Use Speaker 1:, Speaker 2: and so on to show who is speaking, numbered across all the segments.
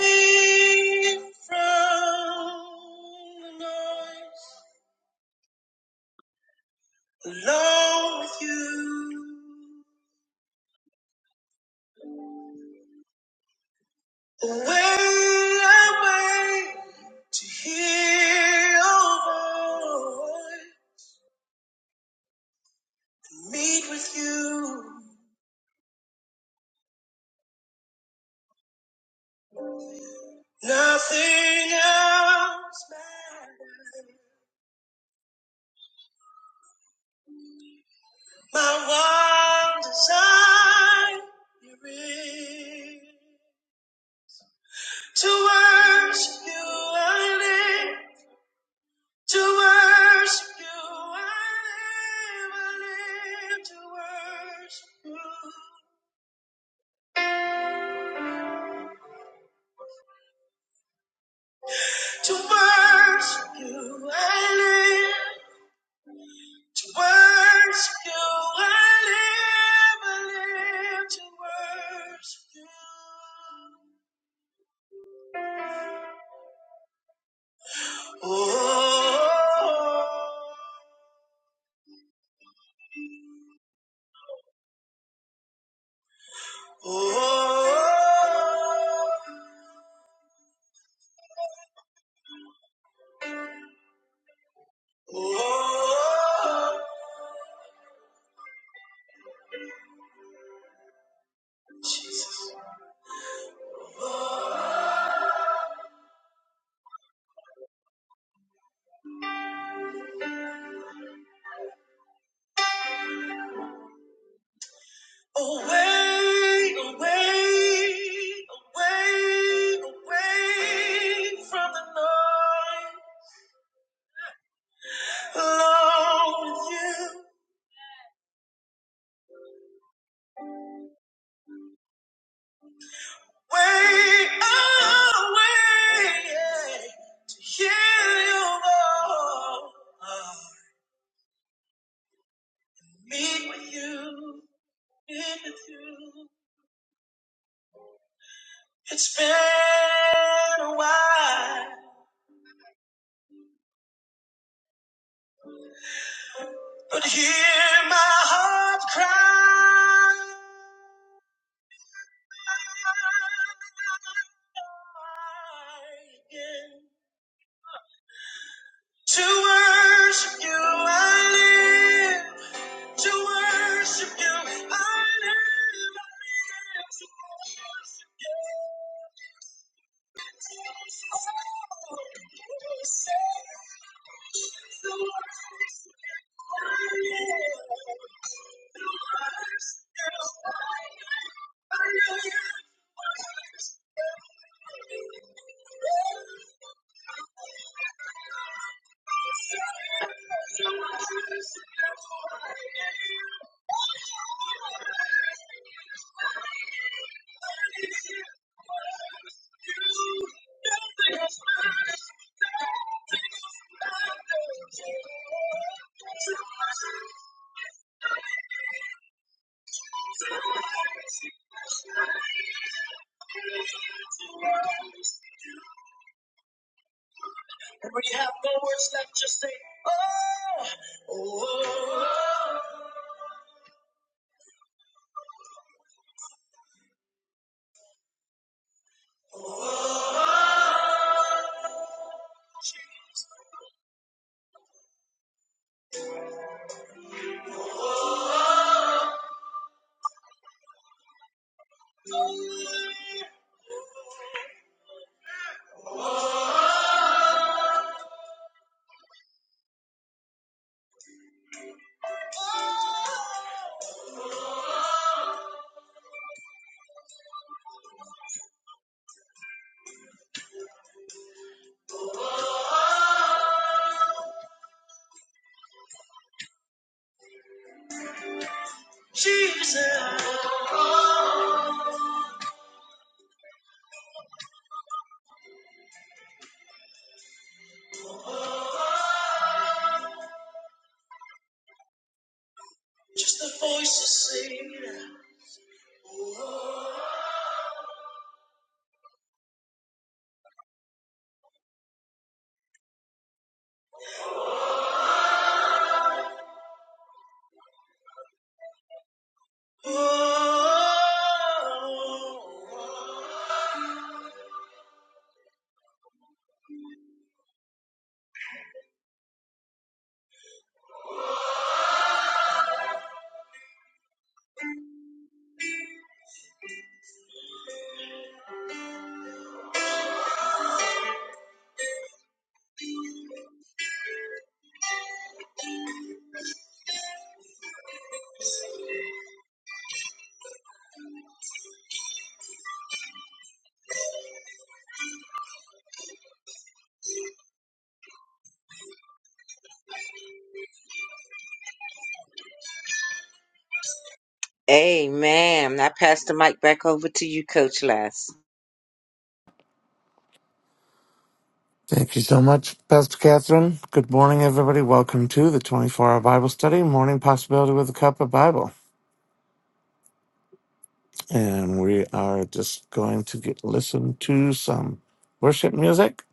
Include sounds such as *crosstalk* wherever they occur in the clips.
Speaker 1: From the noise, alone with you, away, away to hear your voice, meet with you. Nothing else matters. My one desire is to worship you. I live. To worship you, I live, I live to worship you. To worship you, I live. To worship you, I live, I live to worship you. Oh, oh, oh, oh, oh, Jesus. Oh. Away, away, away, away from the noise. Alone with you. Way away, yeah, to hear your voice. Meet with you, meet with you. It's been a while, but hear my heart cry. To worship you, I live. To worship you, I live. And when you have no words left, just say, Oh, Jesus. Just the voices sing. "Oh, oh, oh." Amen. I pass the mic back over to you, Coach Les.
Speaker 2: Thank you so much, Pastor Catherine. Good morning, everybody. Welcome to the 24 hour Bible study, Morning Possibility with a Cup of Bible. And we are just going to get listen to some worship music.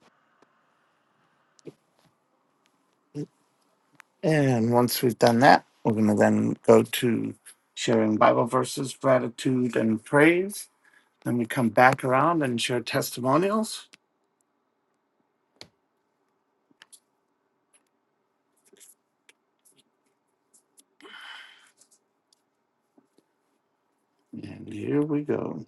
Speaker 2: And once we've done that, we're going to then go to sharing Bible verses, gratitude, and praise. Then we come back around and share testimonials. And here we go.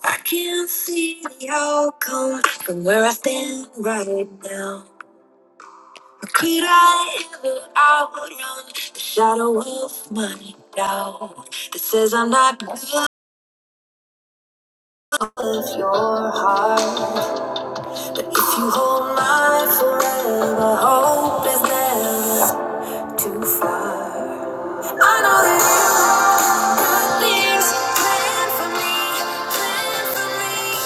Speaker 2: I can see the outcome from where I stand right now. Could I ever outrun the shadow of my doubt that says I'm not worth your heart? but if you hold my forever, hope is never too far. I know that you got things planned for me, planned for me.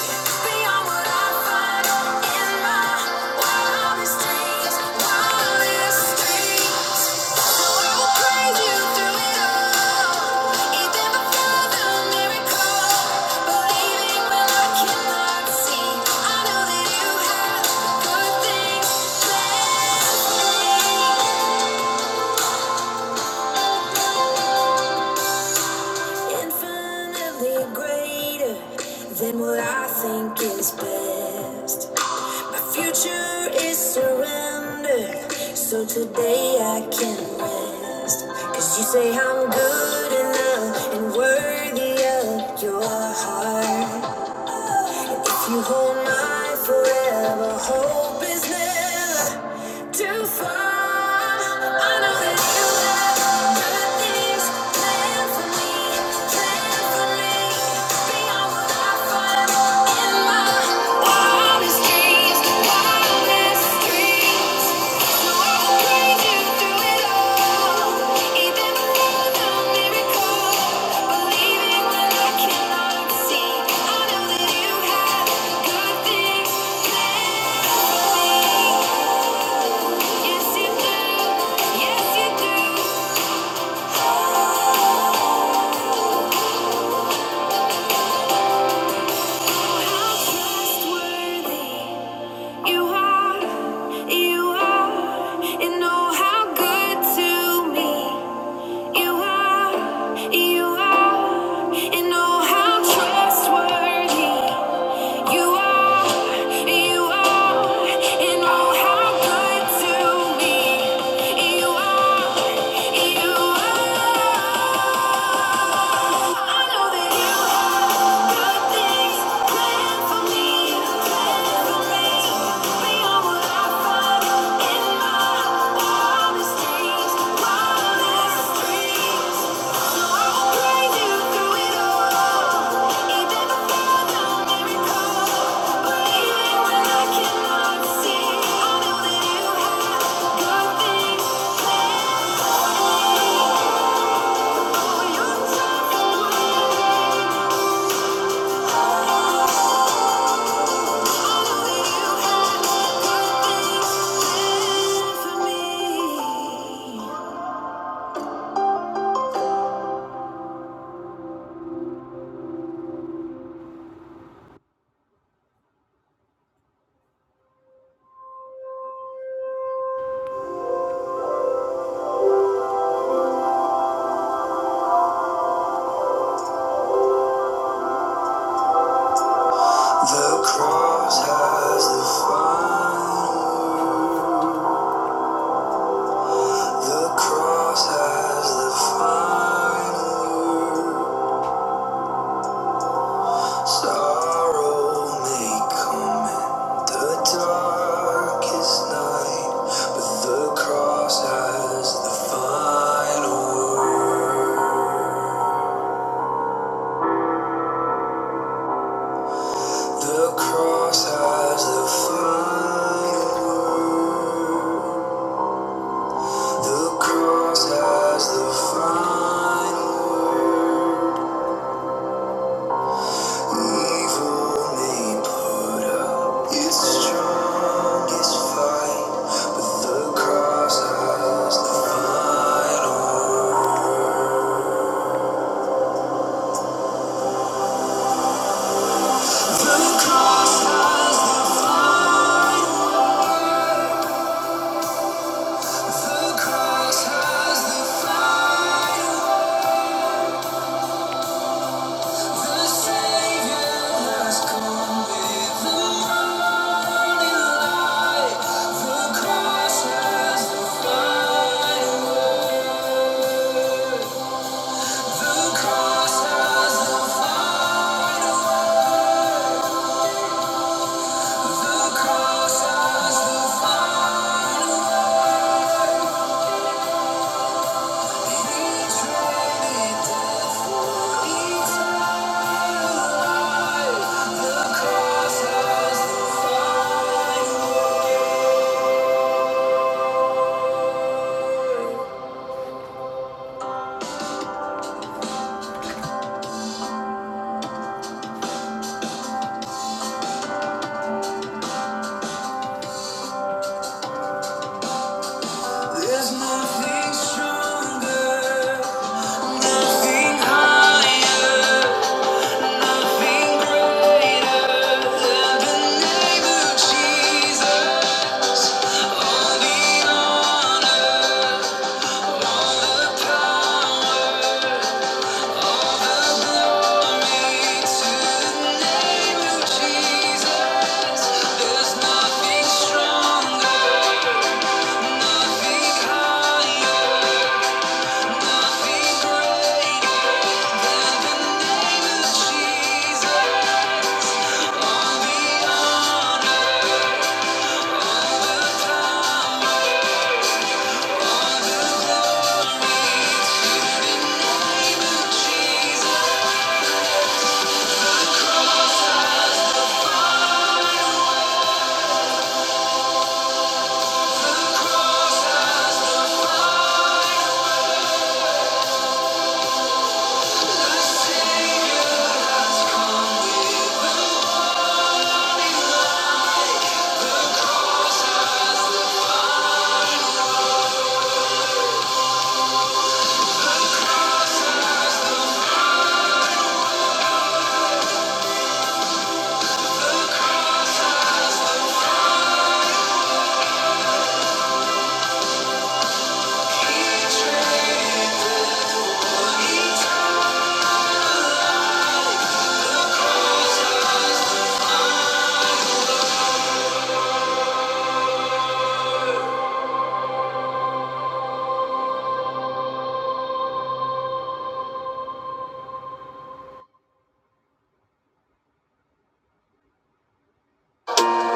Speaker 2: Beyond what I find in my wildest dreams, wildest dreams. So I will praise you through it all, even before the miracle. Believing when I cannot see, I know that you have good things planned for me. infinitely greater than what I think is best. My future is surrender, so today I can rest. Cause you say I'm good enough and worthy of your heart. If you hold mine forever, hope is never too far. I know that you have good things planned for me, planned for me, beyond what I find. Wildest dreams, wildest dreams. You are, you are, and oh, how good to me. You are, you are, and oh, how trustworthy you are, you are, and oh, how good to me you are, you are. I know that you have good things planned the cross has the final. The cross has the final sorrow may come in the darkest night, but the cross has the final word. The cross has the final word. The cross has the final word. Evil may put up its strongest fight, but the cross has the final word. The cross has the final word. The cross has the final word. The Savior has come with the morning light. The cross has the final word. There's nothing stronger, nothing higher, nothing greater than the name of Jesus. All the honor.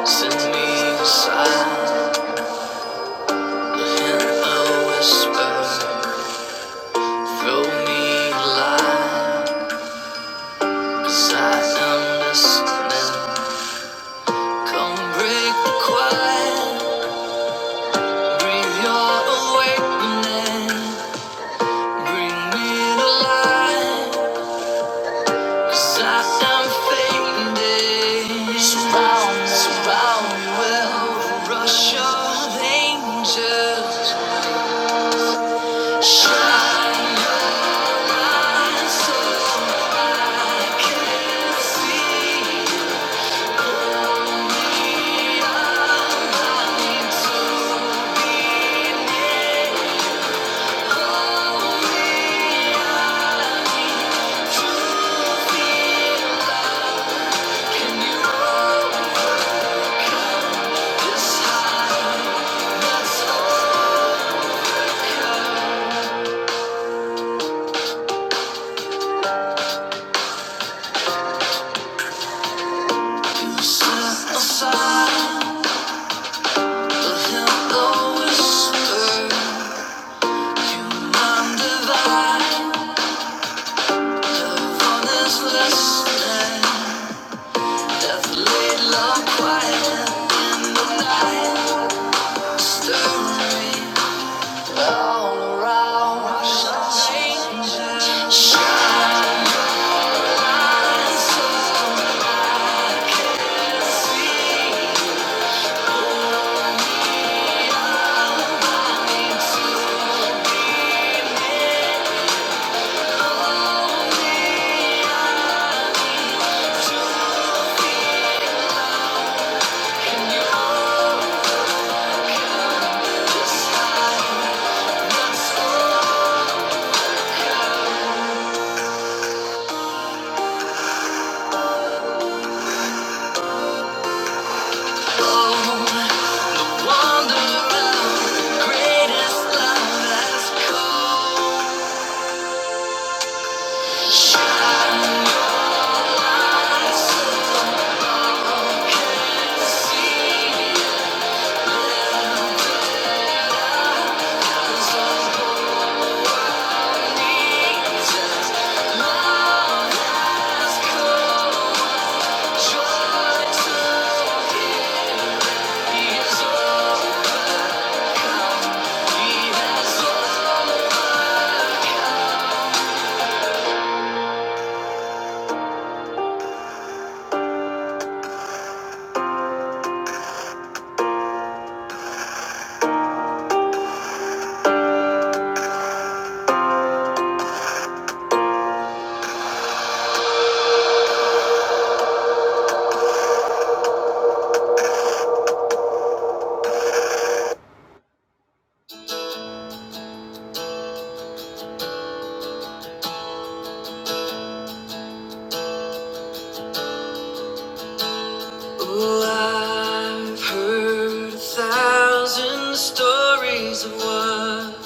Speaker 2: Send me silence. A whisper through me line, 'cause I understand. Come break the quiet, breathe your awakening, bring me to life, 'cause I am fading. Surround, me, surround me with rush of angels. Shine bright so I can see. Death laid low quiet in the night, stirring. all around change. wonder of greatest love has caused on Jesus. Love has caused joy to his He has Oh, I've heard a thousand stories of what.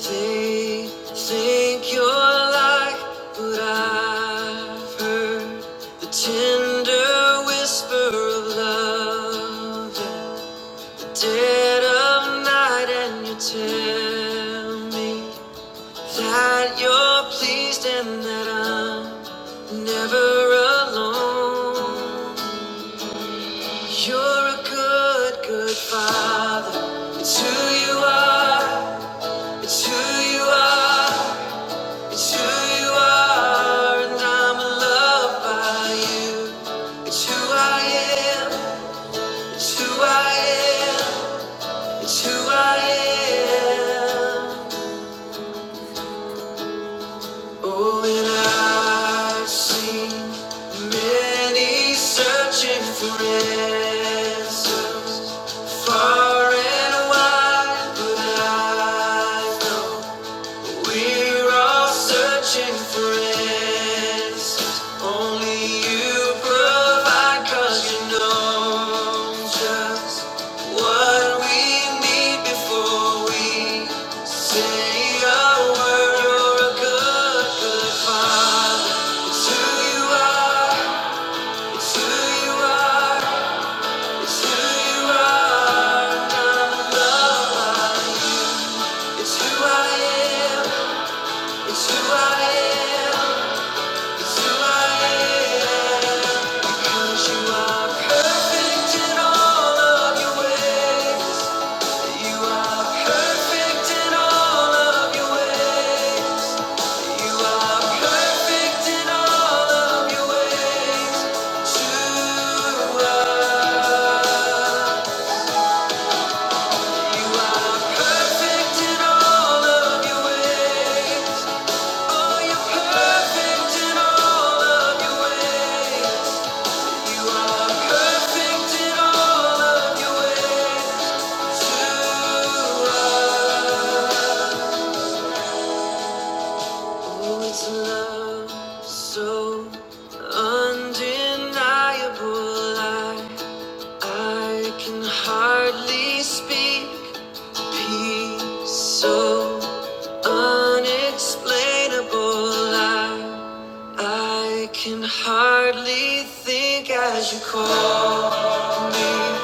Speaker 2: They think you're like, but I've heard the tender whisper of love in the dead of night, and you tell me that you're pleased and that I'm never alone. You're a good, good father. It's who you are. It's who you are. It's who you are, and I'm loved by you. It's who I am, it's who I am, it's who I am. Oh, and I've seen many searching for answers far and wide, but I know. We're all searching for answers. Only you provide, you know just what we need before we say a word. you a good, good It's who you are, it's who you are, it's who you are. I'm loved by It's who I am, it's who I am. Perfect in all of your ways. You are perfect in all of your ways to us. Oh, it's love so undeniable. I I can hardly speak. Peace so unexplainable. I I can hardly think as you call me.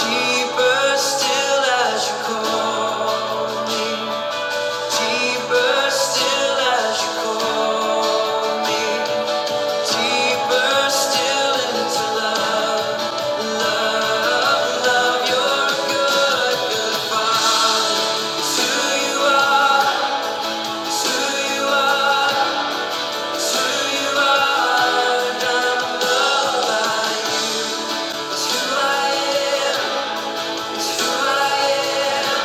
Speaker 2: Deeper still as you call me. Deeper still as you call me. Deeper still into love, love, love. You're a good, good father. It's who you are. It's who you are. It's who you are. And I'm alive. It's who I am. It's who I am.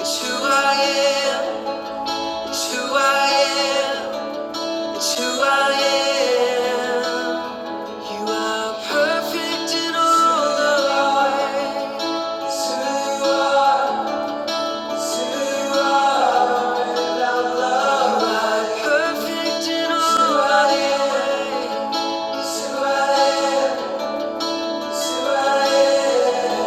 Speaker 2: It's who I am. It's who I am. It's who I am. You are perfect in all the ways. It's who you are. It's who you are. Our love, You are perfect in all the ways. It's who I am. It's who I am.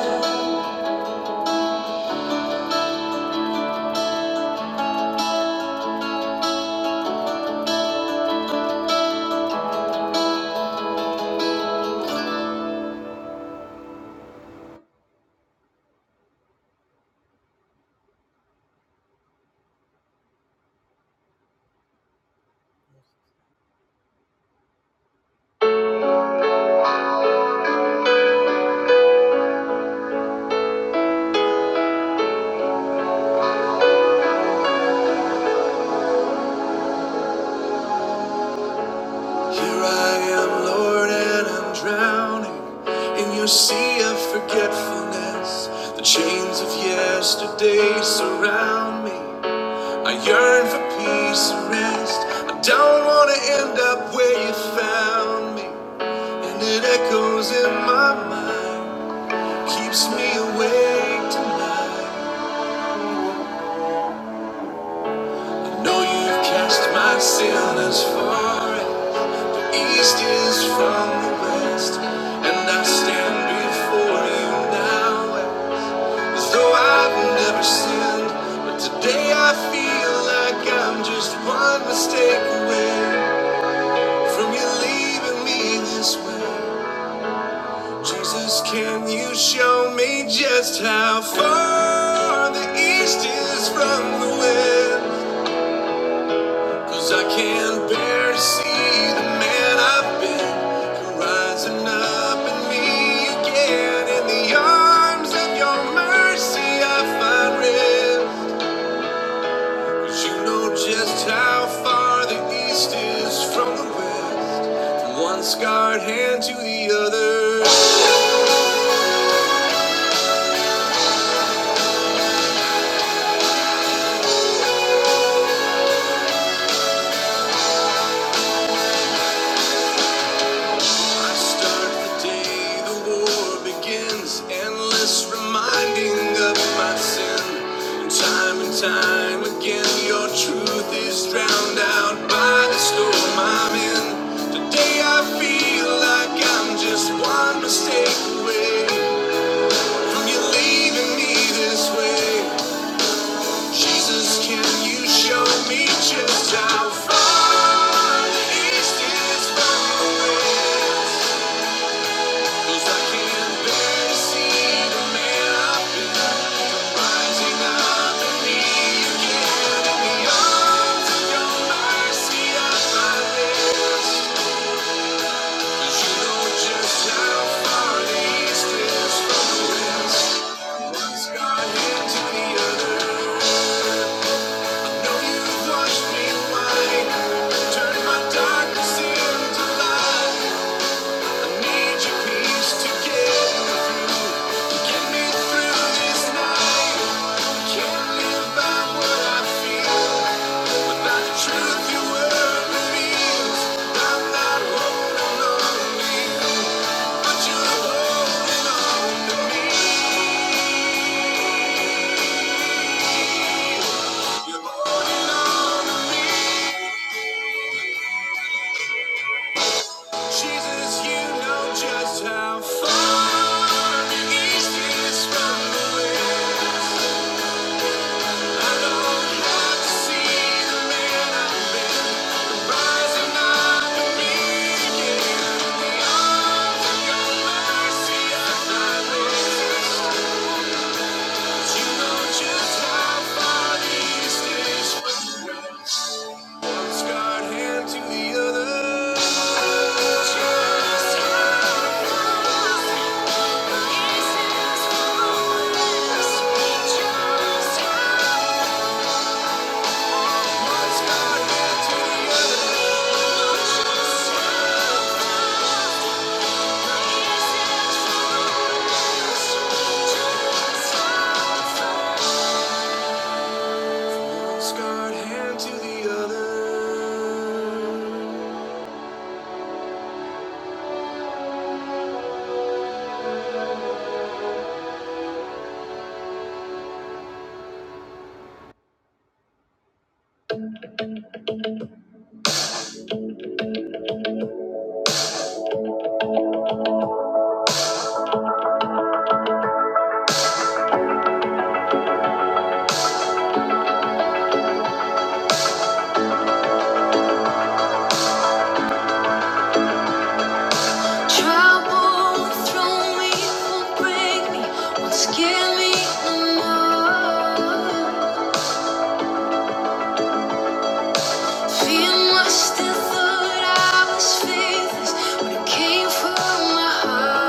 Speaker 2: Here I am, Lord, and I'm drowning in your sea of forgetfulness. The chains of yesterday surround me. I yearn for peace and rest. I don't want to end up where you found me. And it echoes in my mind, keeps me awake tonight. I know you've cast my sin as far. as East is from the west, and I stand before you now as though I've never sinned. But today I feel like I'm just one mistake away from you leaving me this way. Jesus, can you show me just how far the east is from the west? Cause I can't bear to see the man I've been rising up in me again. In the arms of your mercy, I find rest. 'Cause you know just how far the east is from the west. From one scarred hand to the other. I start the day the war begins, endless reminding of my sin. And time and time again, your truth is drowned out by the storm I'm in. Today I feel like I'm just one mistake away from you leaving me this way. Jesus, can you show me just how far the east is from the west? Turn my darkness into light. Need your peace to get me through. Get me through this night. Can't live by what I feel. Without the truth, you were I'm not holding on to you, but you're holding on to me. You're holding on to me. Jesus, you know just how far it is this from the west. Just Scarred hand to the other. Trouble will throw me, will not break me, won't scare me no more. Being my I thought I was faithless when it came from my heart.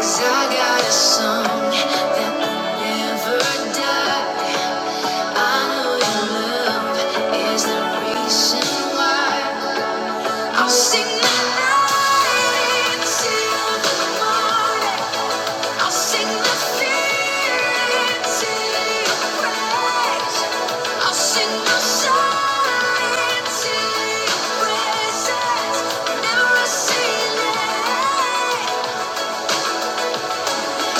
Speaker 2: 'Cause I got a song that will never die. I know your love is the reason why. I'll sing the night till the morning. I'll sing the fear till praise. I'll sing the sorrow till your presence. Never a ceiling.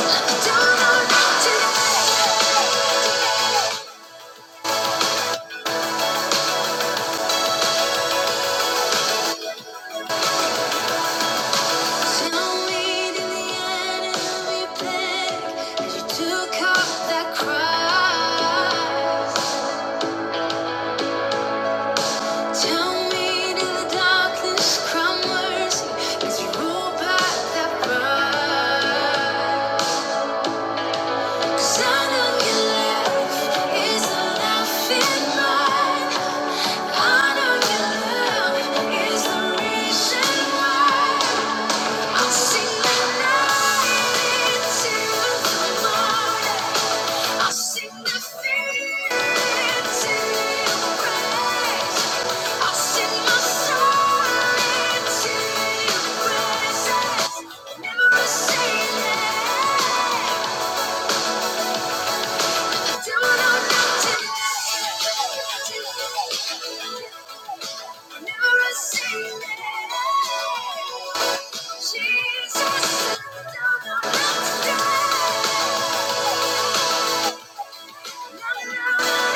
Speaker 2: Let the dawn of day. Tell me, did the enemy blink as you took up that cross? Tell me till the darkness crumbles, as you roll back that bright. 'Cause I know your love is a laughing I know your love is the reason why. I'll sing the night into the morning. I sing the Jesus, don't know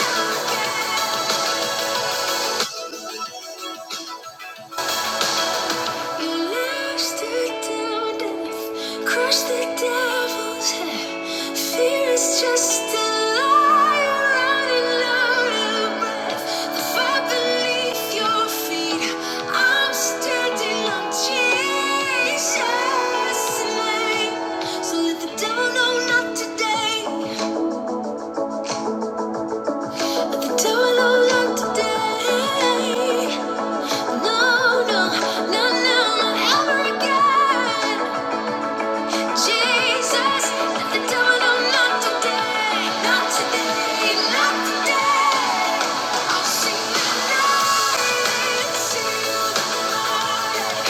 Speaker 2: Lashed it down death, crushed the devil's head. Fear is just a liar running out of breath. The fire beneath your feet, I'm standing on Jesus' name. So let the devil know not today. Let the devil know not today. No, no, no, no, no, ever again. Jesus, let the devil know not today, not today, not today. I'll sing the night until the morning.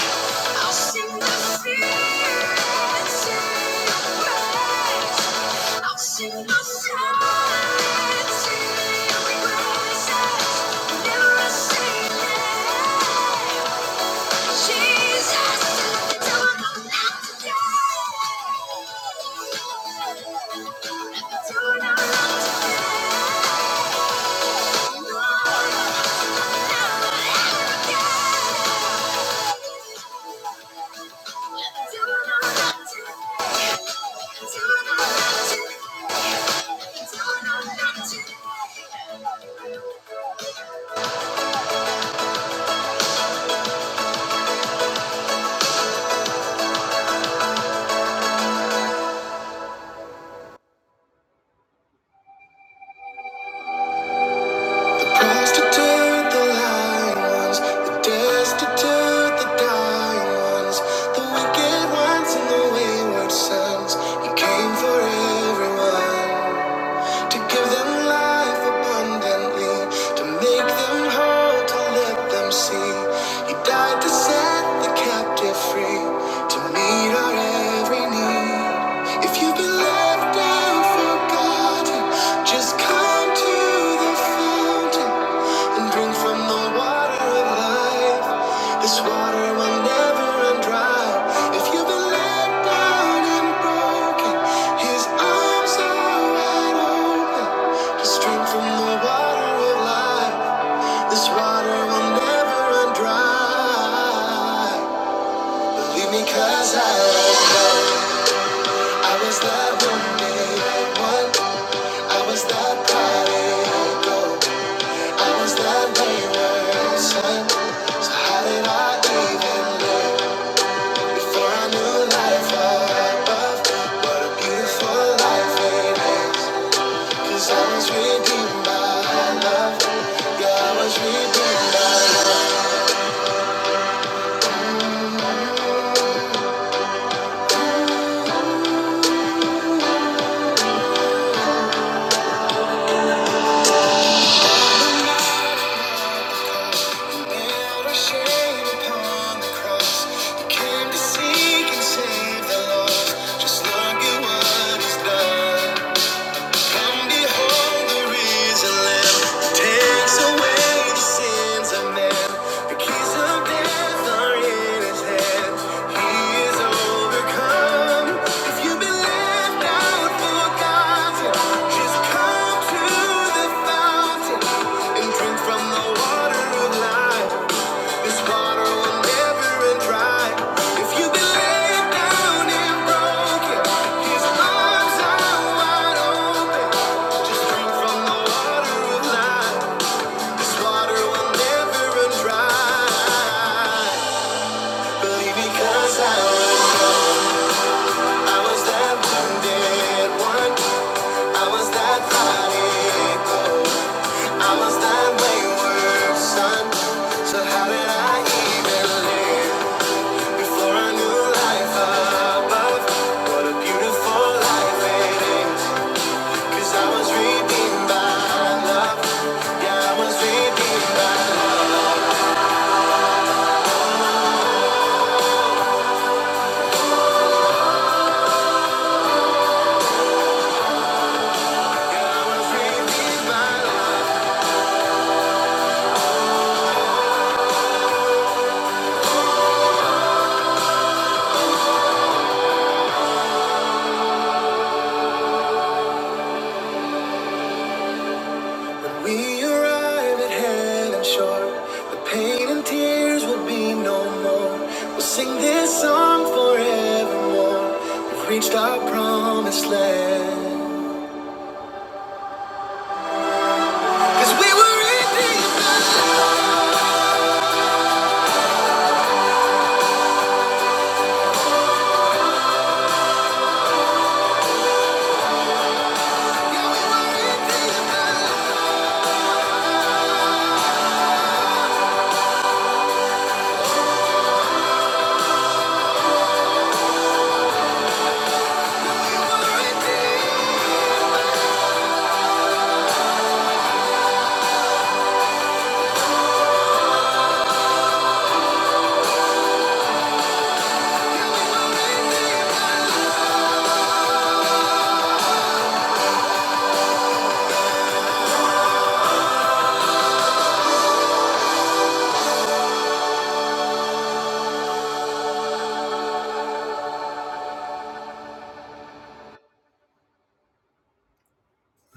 Speaker 2: I'll sing the fear until the praise. I'll sing the silence till your praises. Never a single Thank you. Prostitute the lying the destitute, the dying ones, the wicked ones and the wayward sons. You came for everyone to give them life abundantly, to make them whole, to let them see. You died to set the captive free, to meet our every need. If you've been left out, forgotten, just come to the fountain and drink from the water of life. This water will never run dry. If you've been let down and broken, His arms are wide open. Just drink from the water of life. This water will never run dry. Leave me 'cause I I was that one day, one. I was that prodigal. Was that we were? So how did I get for a new life above? What a beautiful life it is. 'Cause I was redeemed by love. Yeah, was redeemed by Nailed our shame upon the cross. He came to seek and save the lost. Just look at what he's done. Come behold the risen Lamb, takes away the sins of man. The keys of death are in His hand. He is overcome. If you've been left out, forgotten, just come to the fountain and drink from the water of life. This water will never run dry. If you've been laid down and broken, His arms are wide open. Just drink from the water of life. This water will never run dry. Believe because I was, I was that wounded one. I was that prodigal. I was that wayward son. So how did I even live? For a new life above, what a beautiful life it is. 'Cause I was redeemed by love. Yeah, I was redeemed by love. Yeah, I was redeemed by love. When we arrive at heaven's shore, the pain and tears will be no more. We'll sing this song forevermore. We've reached our promised land. 'Cause we were redeemed by love. Yeah, we were redeemed by love.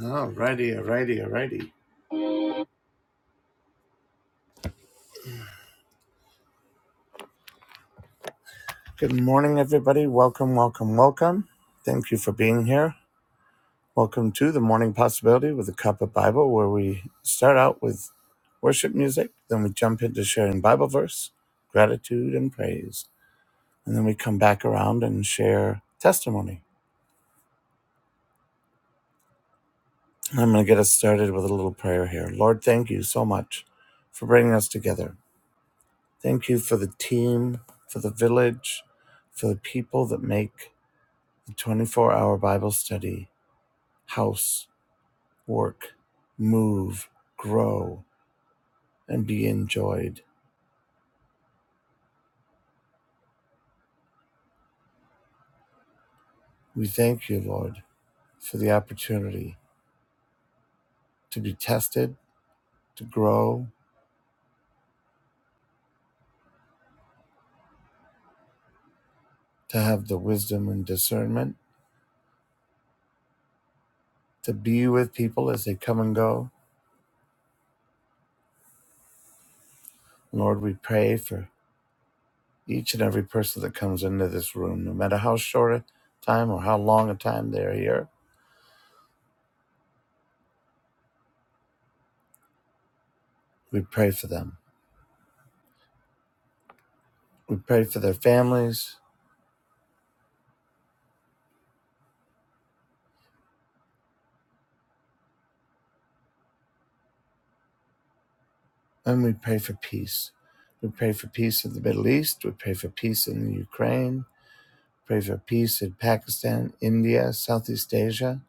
Speaker 2: Alrighty, alrighty, alrighty. Good morning, everybody. Welcome, welcome, welcome. Thank you for being here. Welcome to the Morning Possibility with a Cup of Bible, where we start out with worship music, then we jump into sharing Bible verse, gratitude, and praise. And then we come back around and share testimony. And I'm going to get us started with a little prayer here. Lord, thank you so much for bringing us together. Thank you for the team, for the village, for the people that make 24 hour Bible study, house, work, move, grow, and be enjoyed. We thank you, Lord, for the opportunity to be tested, to grow, to have the wisdom and discernment, to be with people as they come and go. Lord, we pray for each and every person that comes into this room, no matter how short a time or how long a time they're here. We pray for them. We pray for their families. And we pray for peace. We pray for peace in the Middle East. We pray for peace in the Ukraine. Pray for peace in Pakistan, India, Southeast Asia.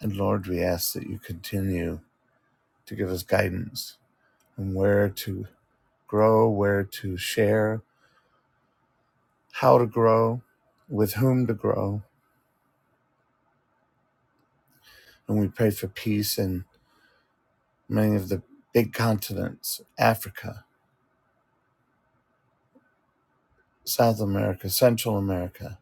Speaker 2: And Lord, we ask that you continue to give us guidance on where to grow, where to share, how to grow, with whom to grow. And we pray for peace in many of the big continents Africa, South America, Central America.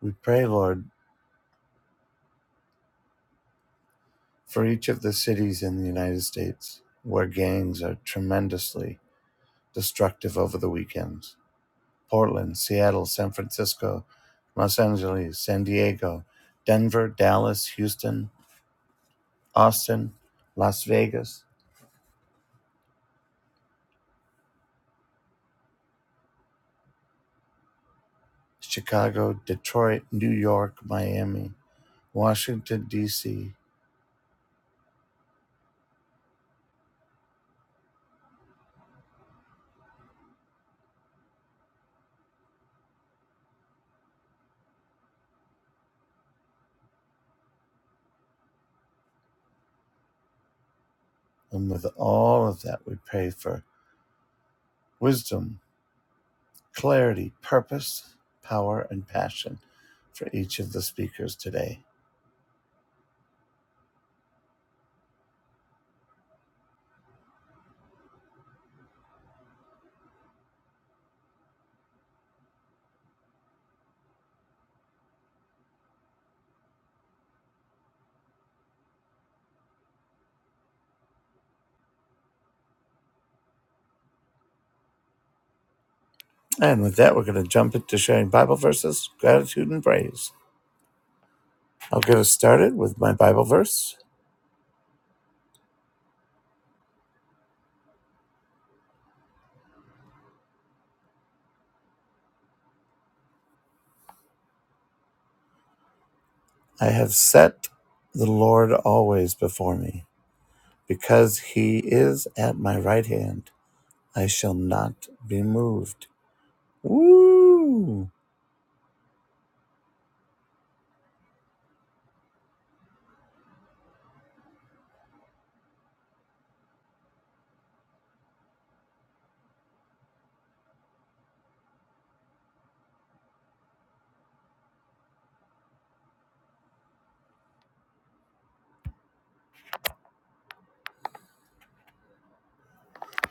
Speaker 2: We pray, Lord, for each of the cities in the United States where gangs are tremendously destructive over the weekends Portland, Seattle, San Francisco, Los Angeles, San Diego, Denver, Dallas, Houston, Austin, Las Vegas, Chicago, Detroit, New York, Miami, Washington, D.C. And with all of that, we pray for wisdom, clarity, purpose, power, and passion for each of the speakers today. And with that, we're going to jump into sharing Bible verses, gratitude, and praise. I'll get us started with my Bible verse. I have set the Lord always before me. Because he is at my right hand, I shall not be moved. Woo!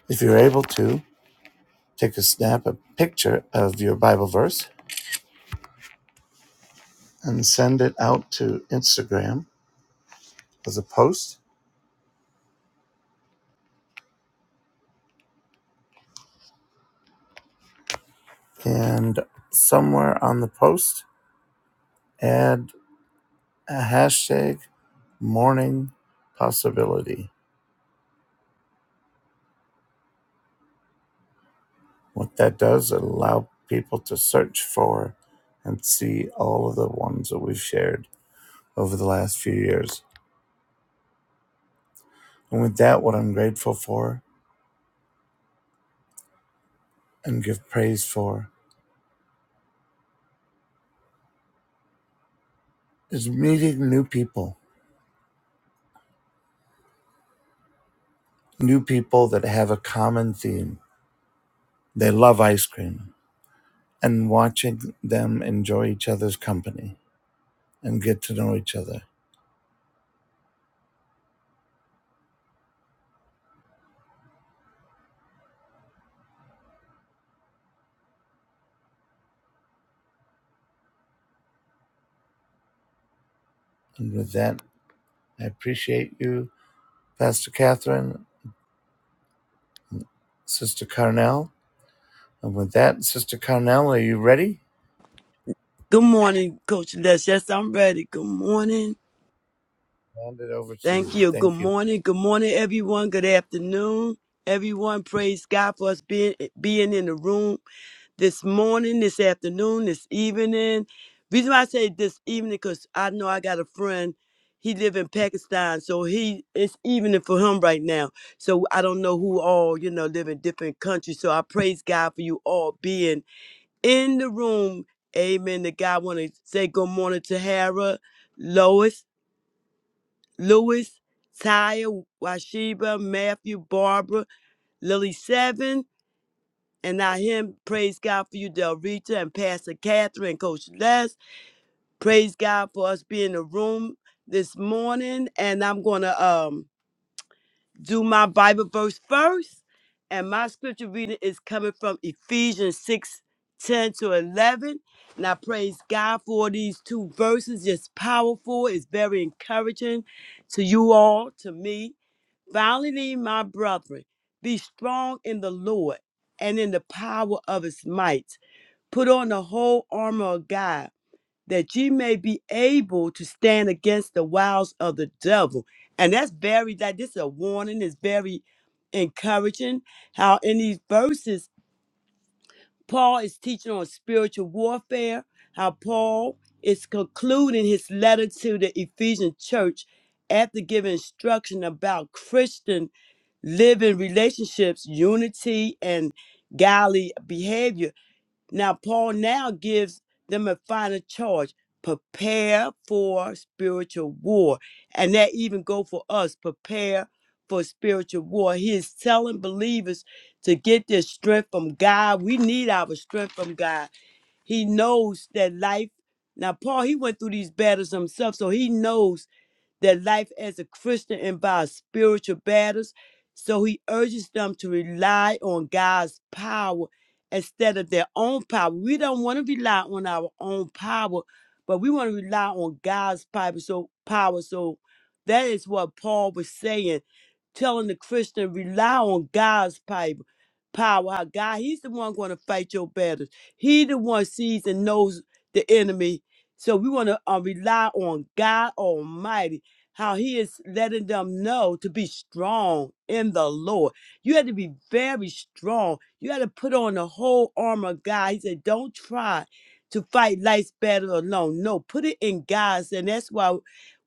Speaker 2: If you're able to, take a snap, a picture of your Bible verse, and send it out to Instagram as a post. And somewhere on the post, add a hashtag morning possibility. What that does, it allow people to search for and see all of the ones that we've shared over the last few years. And with that, what I'm grateful for and give praise for is meeting new people, new people that have a common theme. They love ice cream and watching them enjoy each other's company and get to know each other. And with that, I appreciate you, Pastor Catherine, Sister Carnell. And with that, Sister Carnell, are you ready?
Speaker 3: Good morning, Coach Les. Yes, I'm ready. Good morning.
Speaker 2: Hand it over to
Speaker 3: Thank
Speaker 2: you.
Speaker 3: you. Good
Speaker 2: Thank you.
Speaker 3: morning. Good morning, everyone. Good afternoon, everyone. Praise God for us being being in the room this morning, this afternoon, this evening. Reason why I say this evening, because I know I got a friend. He live in Pakistan, so he it's evening for him right now. So I don't know who all you know live in different countries. So I praise God for you all being in the room. Amen. The guy want to say good morning to Hera, Lois, Lewis, Taya, Washiba, Matthew, Barbara, Lily Seven, and now him. Praise God for you, Del Rita, and Pastor Catherine, and Coach Les. Praise God for us being in the room this morning. And I'm gonna um do my Bible verse first. And my scripture reading is coming from Ephesians 6 10 to 11. And I praise God for these two verses. It's powerful, it's very encouraging to you all, to me. Finally, my brethren, be strong in the Lord and in the power of his might. Put on the whole armor of God that ye may be able to stand against the wiles of the devil. And that's very that this is a warning, is very encouraging. How in these verses, Paul is teaching on spiritual warfare, how Paul is concluding his letter to the Ephesian church after giving instruction about Christian living relationships, unity, and godly behavior now, Paul now gives them a final charge prepare for spiritual war. And that even go for us prepare for spiritual war. He is telling believers to get their strength from God. We need our strength from God. He knows that life. Now, Paul, he went through these battles himself, so he knows their life as a Christian and by spiritual battles. So he urges them to rely on God's power instead of their own power. We don't want to rely on our own power, but we want to rely on God's power. So power. So that is what Paul was saying, telling the Christian rely on God's power. Power, how God, He's the one going to fight your battles. He the one sees and knows the enemy. So we want to uh, rely on God Almighty how he is letting them know to be strong in the Lord. You had to be very strong. You had to put on the whole armor of God. He said, Don't try to fight life's battle alone. No, put it in God's. And that's why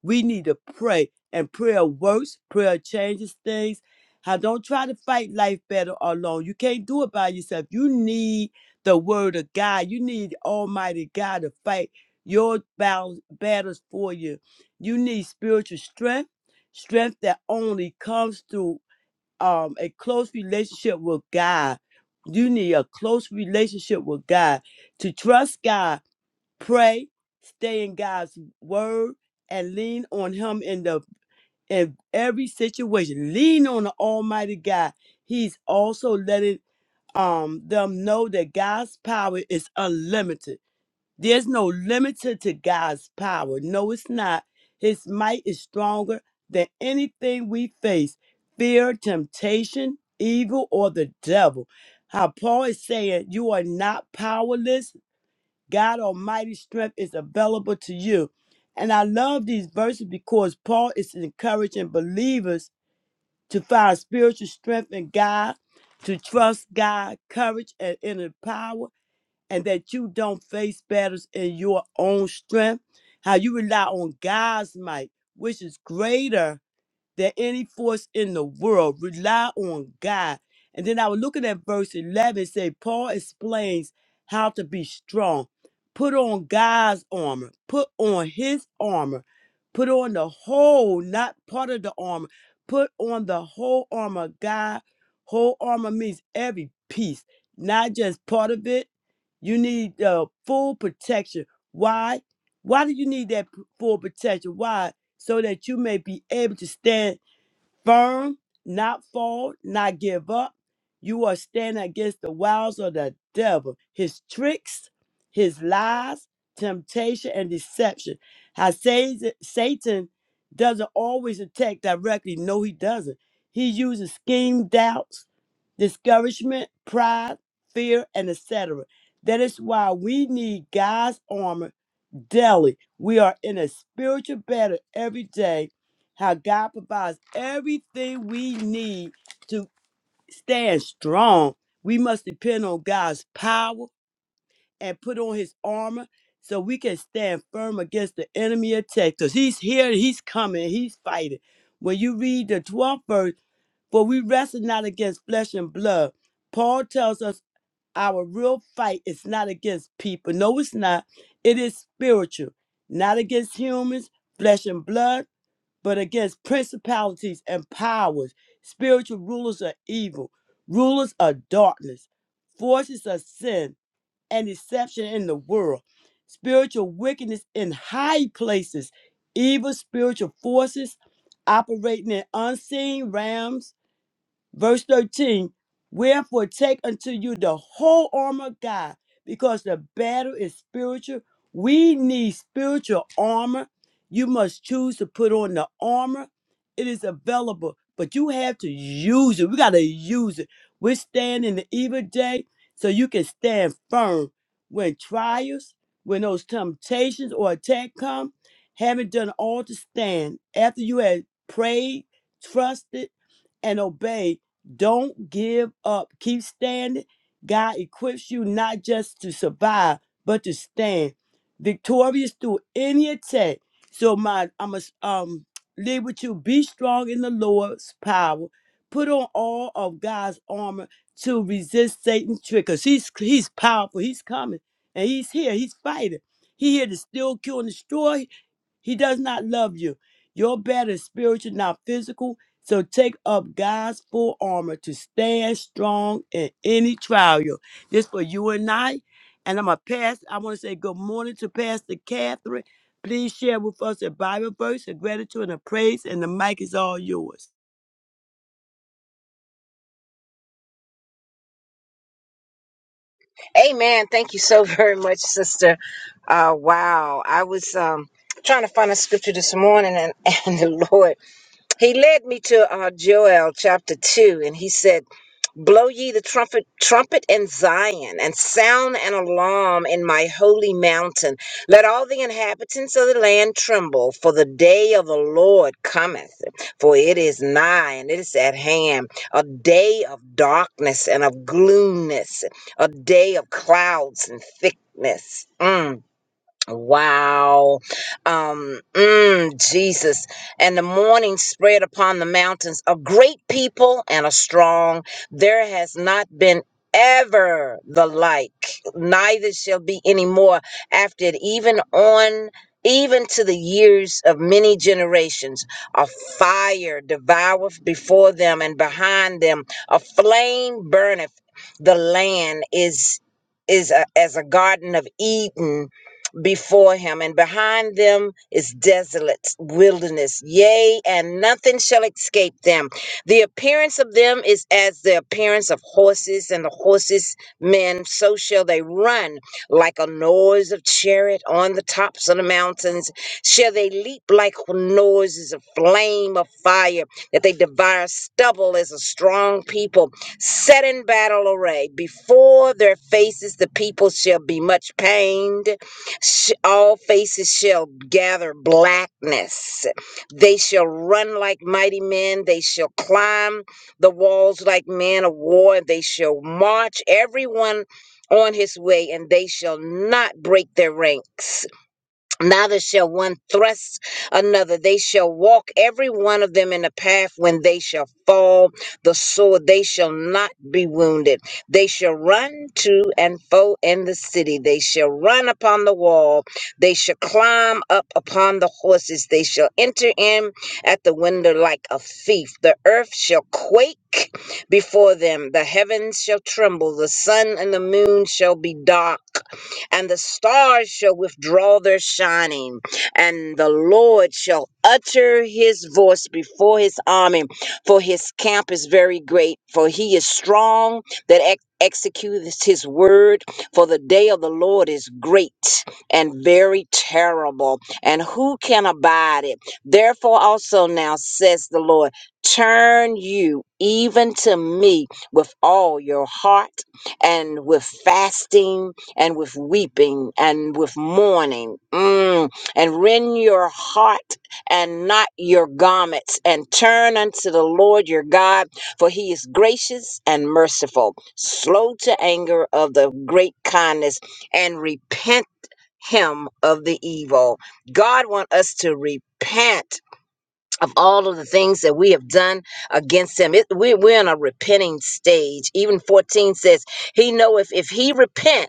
Speaker 3: we need to pray. And prayer works, prayer changes things. How don't try to fight life battle alone. You can't do it by yourself. You need the word of God. You need Almighty God to fight your battles battles for you you need spiritual strength, strength that only comes through um, a close relationship with God. You need a close relationship with God to trust God, pray, stay in God's word, and lean on Him in the in every situation. Lean on the Almighty God. He's also letting um them know that God's power is unlimited there's no limit to God's power. No, it's not. His might is stronger than anything we face fear, temptation, evil, or the devil. How Paul is saying, You are not powerless. God Almighty's strength is available to you. And I love these verses because Paul is encouraging believers to find spiritual strength in God, to trust God, courage, and inner power and that you don't face battles in your own strength, how you rely on God's might, which is greater than any force in the world. Rely on God. And then I was looking at verse 11, say, Paul explains how to be strong. Put on God's armor, put on his armor, put on the whole, not part of the armor, put on the whole armor of God. Whole armor means every piece, not just part of it. You need uh, full protection. Why? Why do you need that p- full protection? Why? so that you may be able to stand firm, not fall, not give up. You are standing against the wiles of the devil, his tricks, his lies, temptation, and deception. How Satan Satan doesn't always attack directly. No, he doesn't. He uses scheme, doubts, discouragement, pride, fear, and etc. That is why we need God's armor daily. We are in a spiritual battle every day. How God provides everything we need to stand strong. We must depend on God's power and put on his armor so we can stand firm against the enemy attack. Because he's here, he's coming, he's fighting. When you read the 12th verse, for we wrestle not against flesh and blood. Paul tells us our real fight is not against people. No, it's not. It is spiritual, not against humans, flesh and blood, but against principalities and powers. Spiritual rulers are evil, rulers of darkness, forces of sin and deception in the world, spiritual wickedness in high places, evil spiritual forces operating in unseen realms Verse 13 Wherefore take unto you the whole armor of God, because the battle is spiritual. We need spiritual armor. You must choose to put on the armor. It is available, but you have to use it. We got to use it. We're in the evil day so you can stand firm when trials, when those temptations or attack come. Having done all to stand after you had prayed, trusted, and obeyed don't give up. Keep standing. God equips you not just to survive, but to stand victorious through any attack. So my I'm going um leave with you. Be strong in the Lord's power. Put on all of God's armor to resist Satan's trick. Cause he's he's powerful. He's coming. And he's here. He's fighting. He here to still kill and destroy. He does not love you. Your battle is spiritual, not physical. So take up God's full armor to stand strong in any trial. This for you and I. And I'm a pastor. I want to say good morning to Pastor Catherine. Please share with us a Bible verse, a gratitude, and a praise, and the mic is all yours.
Speaker 1: Amen. Thank you so *laughs* very much, sister. Uh, wow. I was um, trying to find a scripture this morning, and, *laughs* and the Lord. He led me to uh, Joel chapter 2, and he said, Blow ye the trumpet, trumpet in Zion, and sound an alarm in my holy mountain. Let all the inhabitants of the land tremble, for the day of the Lord cometh. For it is nigh, and it is at hand, a day of darkness and of gloomness, a day of clouds and thickness. Mm. Wow. Um, mm, Jesus. And the morning spread upon the mountains a great people and a strong. There has not been ever the like, neither shall be any more after it, even on even to the years of many generations a fire devoureth before them and behind them a flame burneth the land is is a, as a garden of eden before him, and behind them is desolate wilderness. Yea, and nothing shall escape them. The appearance of them is as the appearance of horses, and the horses men, so shall they run like a noise of chariot on the tops of the mountains. Shall they leap like noises of flame of fire, that they devour stubble as a strong people, set in battle array. Before their faces the people shall be much pained Sh- All faces shall gather blackness. They shall run like mighty men. They shall climb the walls like men of war. They shall march everyone on his way, and they shall not break their ranks. Neither shall one thrust another. They shall walk every one of them in the path when they shall fall the sword. They shall not be wounded. They shall run to and fro in the city. They shall run upon the wall. They shall climb up upon the horses. They shall enter in at the window like a thief. The earth shall quake before them. The heavens shall tremble. The sun and the moon shall be dark and the stars shall withdraw their shining, and the Lord shall utter his voice before his army, for his camp is very great, for he is strong that ex- executes his word, for the day of the Lord is great and very terrible, and who can abide it? Therefore also now says the Lord, turn you even to me with all your heart and with fasting and with weeping and with mourning, mm, and rend your heart and not your garments, and turn unto the Lord your God, for he is gracious and merciful, slow to anger of the great kindness, and repent him of the evil. God wants us to repent of all of the things that we have done against him. It, we, we're in a repenting stage. Even 14 says, he know if, if he repent,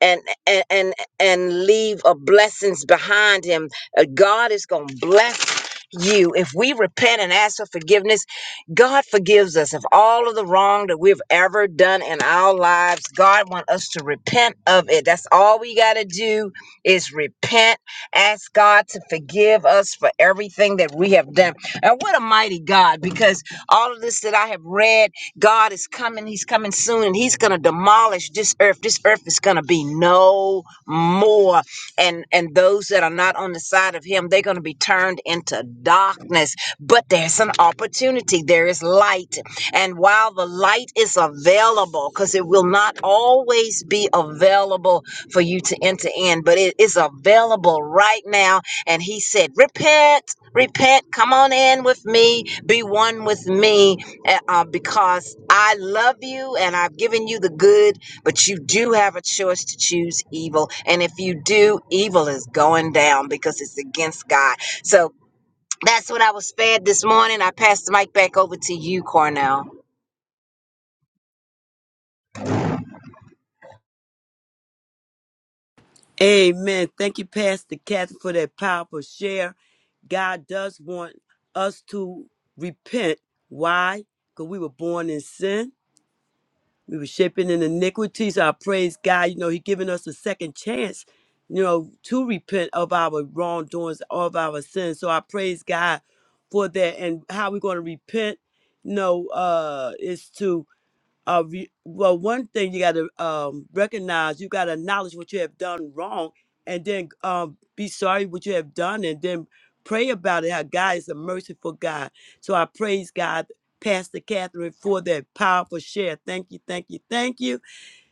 Speaker 1: and and and and leave a blessings behind him. Uh, God is going to bless you if we repent and ask for forgiveness. God forgives us of all of the wrong that we've ever done in our lives. God wants us to repent of it. That's all we got to do is repent. Ask God to forgive us for everything that we have done. And what a mighty God! Because all of this that I have read God is coming. He's coming soon and he's going to demolish this earth. This earth is going to be no more. And and those that are not on the side of him, they're going to be turned into darkness. But there's an opportunity. There is light. And while the light is available, because it will not always be available for you to enter in, but it is available right now. And he said, repent, repent, come on in with me, be one with me uh, uh, because I love you and I've given you the good, but you do have a choice to choose evil. And if you do, evil is going down because it's against God. So that's what I was fed this morning. I pass the mic back over to you, Cornell.
Speaker 3: Amen. Thank you, Pastor Catherine, for that powerful share. God does want us to repent. Why? Because we were born in sin. We were shaping in iniquities. So I praise God. You know, He giving us a second chance, you know, to repent of our wrongdoings, of our sins. So I praise God for that. And how we're going to repent, you know, uh, is to uh, re- well, one thing you got to um, recognize, you got to acknowledge what you have done wrong, and then um, be sorry what you have done, and then pray about it. How God is a merciful God. So I praise God, Pastor Catherine, for that powerful share. Thank you, thank you, thank you.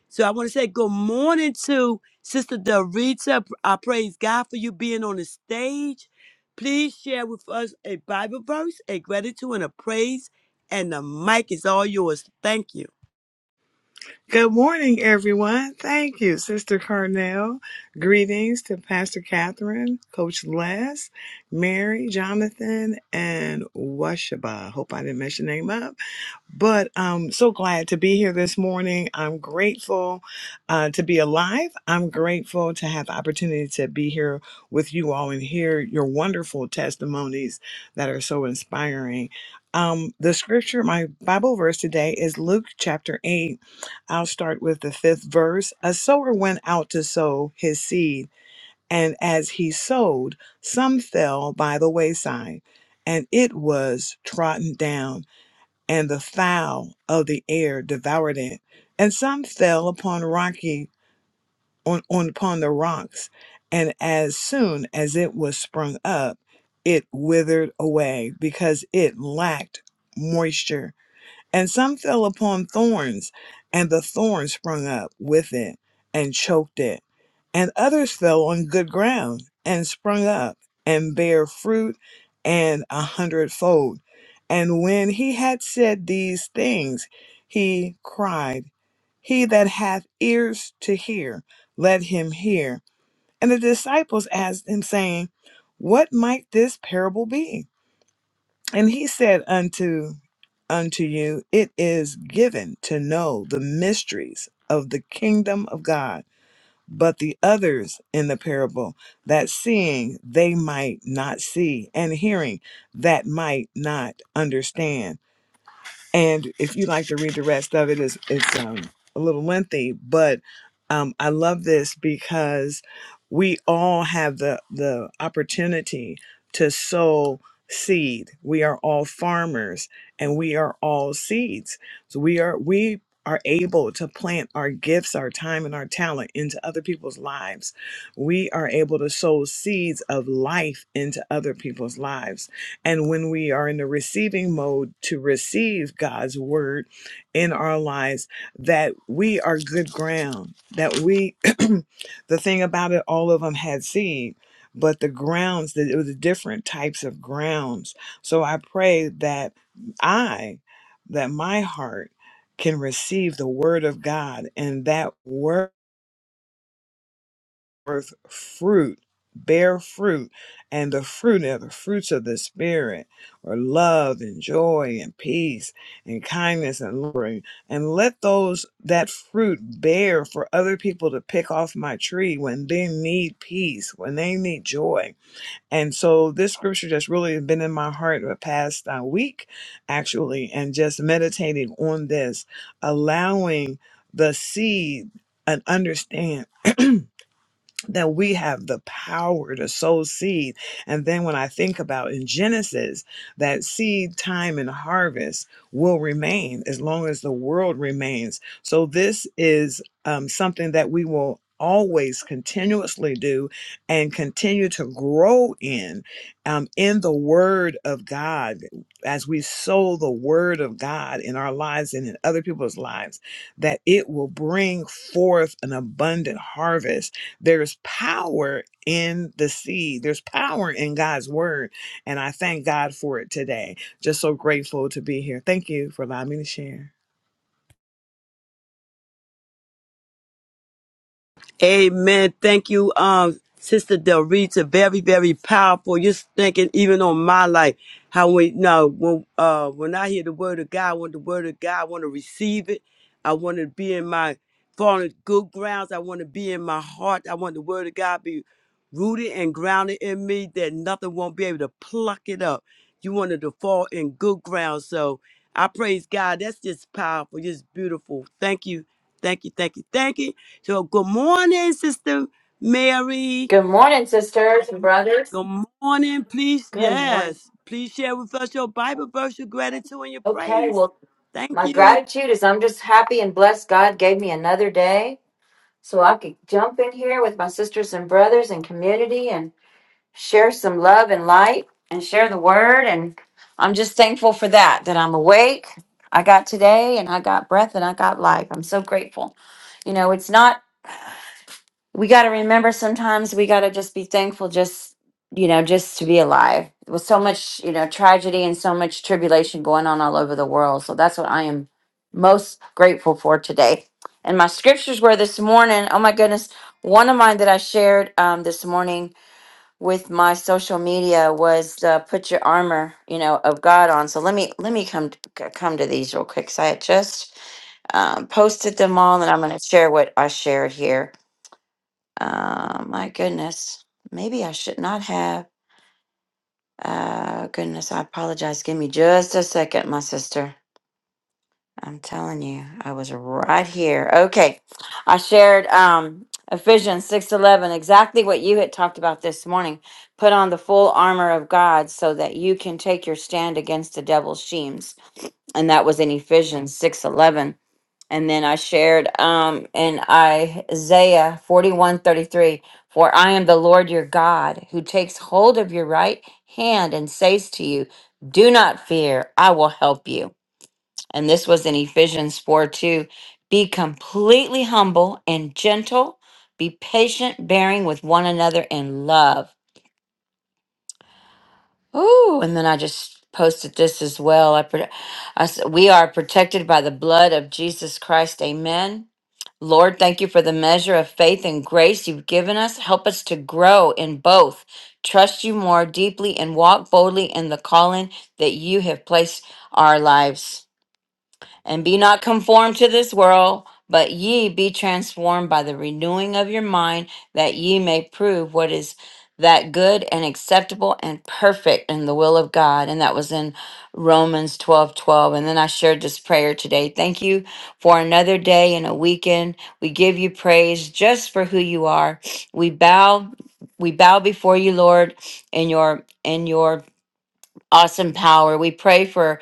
Speaker 3: So I want to say good morning to Sister Dorita. I praise God for you being on the stage. Please share with us a Bible verse, a gratitude, and a praise. And the mic is all yours. Thank you.
Speaker 4: Good morning, everyone. Thank you, Sister Carnell. Greetings to Pastor Catherine, Coach Les, Mary, Jonathan, and Washaba. Hope I didn't mess your name up. But I'm so glad to be here this morning. I'm grateful uh, to be alive. I'm grateful to have the opportunity to be here with you all and hear your wonderful testimonies that are so inspiring. Um, the scripture, my Bible verse today is Luke chapter 8. I'll start with the fifth verse. A sower went out to sow his seed, and as he sowed, some fell by the wayside, and it was trodden down and the fowl of the air devoured it. And some fell upon rocky on, on upon the rocks, and as soon as it was sprung up, it withered away because it lacked moisture. And some fell upon thorns, and the thorns sprung up with it and choked it. And others fell on good ground and sprung up and bare fruit and a hundredfold. And when he had said these things, he cried, He that hath ears to hear, let him hear. And the disciples asked him, saying, What might this parable be? And he said unto unto you, it is given to know the mysteries of the kingdom of God, but the others in the parable, that seeing they might not see, and hearing that might not understand and if you like to read the rest of it, it's, it's um, a little lengthy, but um, I love this because we all have the, the opportunity to sow seed. We are all farmers and we are all seeds. So we are, we are able to plant our gifts, our time, and our talent into other people's lives. We are able to sow seeds of life into other people's lives and when we are in the receiving mode to receive God's word in our lives, that we are good ground, that we, *clears throat* the thing about it, all of them had seed. But the grounds, that it was different types of grounds. So I pray that I, that my heart can receive the word of God and that word forth fruit, bear fruit, and the fruit are the fruits of the Spirit, or love and joy and peace and kindness and loving. And let those that fruit bear for other people to pick off my tree when they need peace, when they need joy. And so this scripture just really has been in my heart the past uh, week, actually, and just meditating on this, allowing the seed and understand that we have the power to sow seed. And then when I think about in Genesis, that seed time and harvest will remain as long as the world remains. So this is um, something that we will always continuously do and continue to grow in um, in the word of god as we sow the word of god in our lives and in other people's lives that it will bring forth an abundant harvest there's power in the seed. There's power in God's word. And I thank God for it today. Just so grateful to be here. Thank you for allowing me to share.
Speaker 3: Amen. Thank you, um, Sister Del Rita. Very, very powerful. You're thinking even on my life, how we know when uh when I hear the word of God, I want the word of God, I want to receive it. I want to be in my fallen good grounds. I want to be in my heart. I want the word of God be rooted and grounded in me that nothing won't be able to pluck it up. You want it to fall in good ground. So I praise God. That's just powerful, just beautiful. Thank you. Thank you. Thank you. Thank you. So good morning, Sister Mary.
Speaker 5: Good morning, sisters and brothers.
Speaker 3: Good morning. Please,
Speaker 5: Good morning.
Speaker 3: yes, please share with us your Bible verse, your gratitude, and your
Speaker 5: Okay,
Speaker 3: praise.
Speaker 5: well,
Speaker 3: Thank
Speaker 5: my
Speaker 3: you.
Speaker 5: gratitude is I'm just happy and blessed God gave me another day so I could jump in here with my sisters and brothers and community and share some love and light and share the word. And I'm just thankful for that, that I'm awake. I got today and I got breath and I got life. I'm so grateful. You know, it's not. we got to remember sometimes we got to just be thankful just you know just to be alive with so much you know tragedy and so much tribulation going on all over the world so that's what i am most grateful for today and my scriptures were this morning oh my goodness one of mine that i shared um, this morning with my social media was uh, put your armor you know of god on so let me let me come to, come to these real quick so i had just um, posted them all and i'm going to share what i shared here uh, my goodness. Maybe I should not have. Uh, goodness, I apologize. Give me just a second, my sister. I'm telling you, I was right here. Okay. I shared um Ephesians 6:11, exactly what you had talked about this morning. Put on the full armor of God so that you can take your stand against the devil's schemes. And that was in Ephesians 6:11 and then I shared um in Isaiah 41 33, for I am the Lord your God who takes hold of your right hand and says to you, Do not fear, I will help you. And this was in Ephesians 4 2. Be completely humble and gentle, be patient, bearing with one another in love. Ooh, and then I just posted this as well. I, put, I s- we are protected by the blood of Jesus Christ. Amen. Lord, thank you for the measure of faith and grace you've given us. Help us to grow in both, trust you more deeply, and walk boldly in the calling that you have placed our lives. And be not conformed to this world, but ye be transformed by the renewing of your mind, that ye may prove what is that good and acceptable and perfect in the will of God. And that was in Romans 12 12. And then I shared this prayer today. Thank you for another day and a weekend. We give you praise just for who you are. We bow, we bow before you, Lord, in your in your awesome power. We pray for,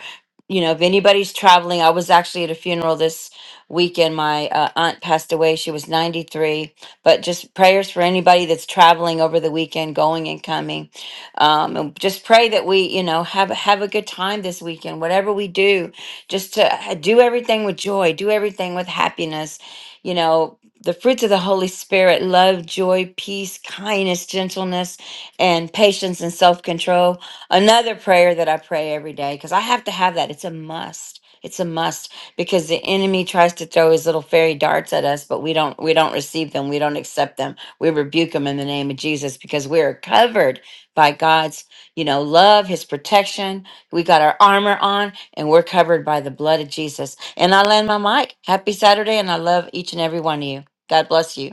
Speaker 5: you know, if anybody's traveling. I was actually at a funeral this weekend. My uh, aunt passed away. She was 93. But just prayers for anybody that's traveling over the weekend, going and coming. Um, and just pray that we, you know, have have a good time this weekend. Whatever we do, just to ha- do everything with joy, do everything with happiness. You know. The fruits of the Holy Spirit love, joy, peace, kindness, gentleness, and patience and self control Another prayer that I pray every day because I have to have that. It's a must. It's a must because the enemy tries to throw his little fairy darts at us, but we don't we don't receive them. We don't accept them. We rebuke them in the name of Jesus because we are covered by God's, you know, love, his protection. We got our armor on and we're covered by the blood of Jesus. And I land my mic. Happy Saturday and I love each and every one of you. God bless you.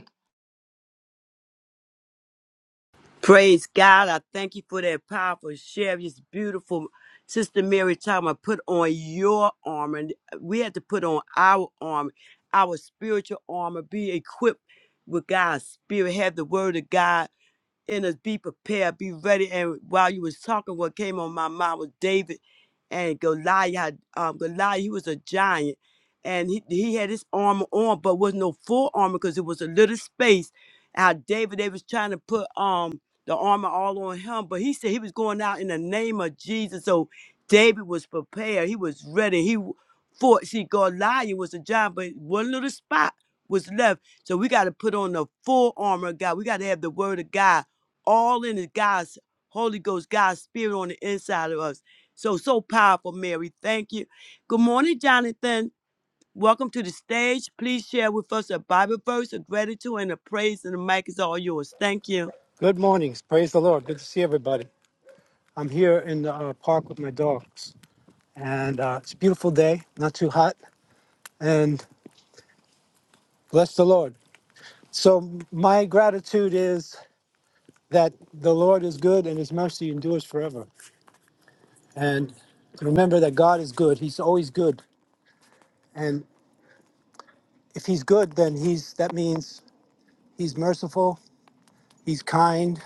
Speaker 3: Praise God. I thank you for that powerful share. This beautiful Sister Mary talking about put on your armor. And We have to put on our armor, our spiritual armor, be equipped with God's spirit, have the word of God in us be prepared be ready and while you was talking what came on my mind was david and goliath um goliath he was a giant and he, he had his armor on but was no full armor because it was a little space how david they was trying to put um the armor all on him but he said he was going out in the name of jesus so david was prepared he was ready he w- fought see goliath was a giant but one little spot was left so we got to put on the full armor of god we got to have the word of god all in is God's Holy Ghost, God's Spirit on the inside of us. So, so powerful, Mary. Thank you. Good morning, Jonathan. Welcome to the stage. Please share with us a Bible verse, a gratitude, and a praise, and the mic is all yours. Thank you.
Speaker 6: Good mornings. Praise the Lord. Good to see everybody. I'm here in the uh, park with my dogs, and uh, it's a beautiful day, not too hot, and bless the Lord. So, my gratitude is that the Lord is good and his mercy endures forever. And to remember that God is good, he's always good. And if he's good, then he's that means he's merciful, he's kind,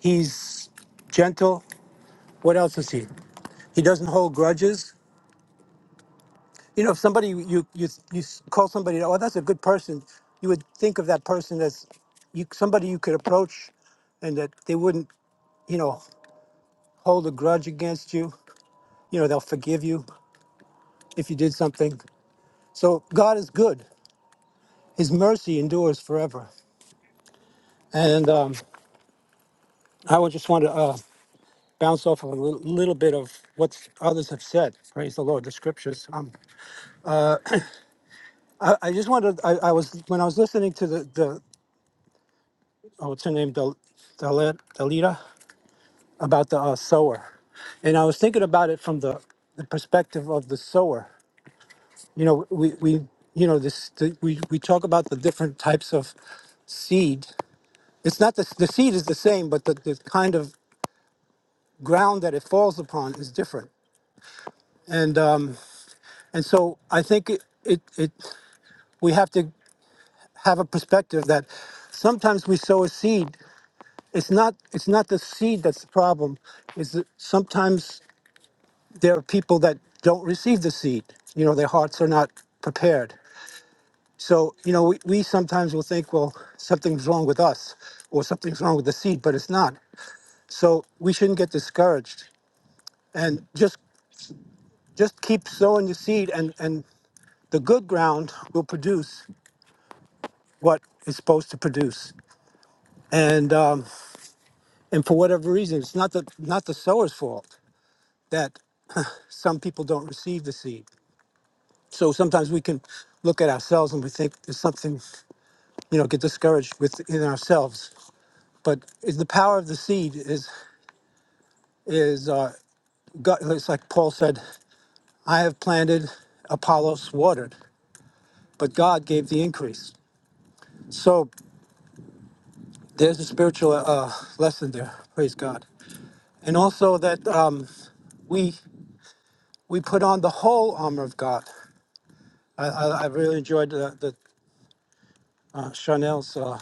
Speaker 6: he's gentle. What else is he? He doesn't hold grudges. you know, if somebody you you you s- call somebody, oh, that's a good person, you would think of that person as you somebody you could approach, and that they wouldn't, you know, hold a grudge against you. You know, they'll forgive you if you did something. So God is good. His mercy endures forever. And um, I would just want to uh, bounce off of a little, little bit of what others have said. Praise the Lord, the scriptures. Um, I, I just wanted, I, I was, when I was listening to the, the oh, what's her name, Del, Dalet- about the uh, sower, and I was thinking about it from the, the perspective of the sower. You know, we, we you know this the, we we talk about the different types of seed. It's not the the seed is the same, but the, the kind of ground that it falls upon is different. And um, and so I think it, it it we have to have a perspective that sometimes we sow a seed. It's not it's not the seed that's the problem. Is that sometimes there are people that don't receive the seed. You know, their hearts are not prepared. So, you know, we, we sometimes will think, well, something's wrong with us or something's wrong with the seed, but it's not. So we shouldn't get discouraged and just just keep sowing your seed and, and the good ground will produce what it's supposed to produce. And um, and for whatever reason, it's not the not the sower's fault that *laughs* *sighs* some people don't receive the seed. So sometimes we can look at ourselves and we think there's something you know get discouraged within ourselves but is the power of the seed is is uh god it's like paul said i have planted apollos watered but god gave the increase so there's a spiritual uh lesson there praise god and also that um we we put on the whole armor of god i i, I really enjoyed the, the uh, chanel's uh,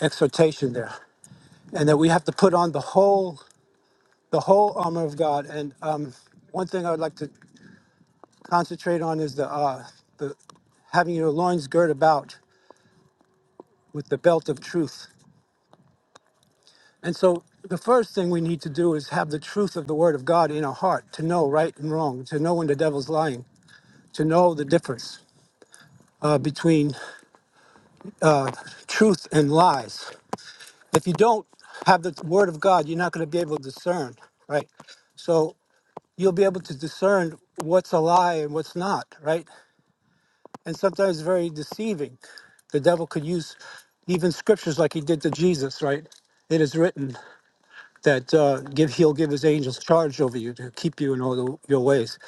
Speaker 6: exhortation there and that we have to put on the whole the whole armor of God. And um, one thing I would like to concentrate on is the uh, the having your loins girt about with the belt of truth. And so the first thing we need to do is have the truth of the Word of God in our heart to know right and wrong, to know when the devil's lying, to know the difference uh, between truth and lies. If you don't have the Word of God, you're not going to be able to discern, right? So you'll be able to discern what's a lie and what's not, right? and sometimes very deceiving. The devil could use even scriptures like he did to Jesus, right? It is written that uh, give he'll give his angels charge over you to keep you in all the, your ways.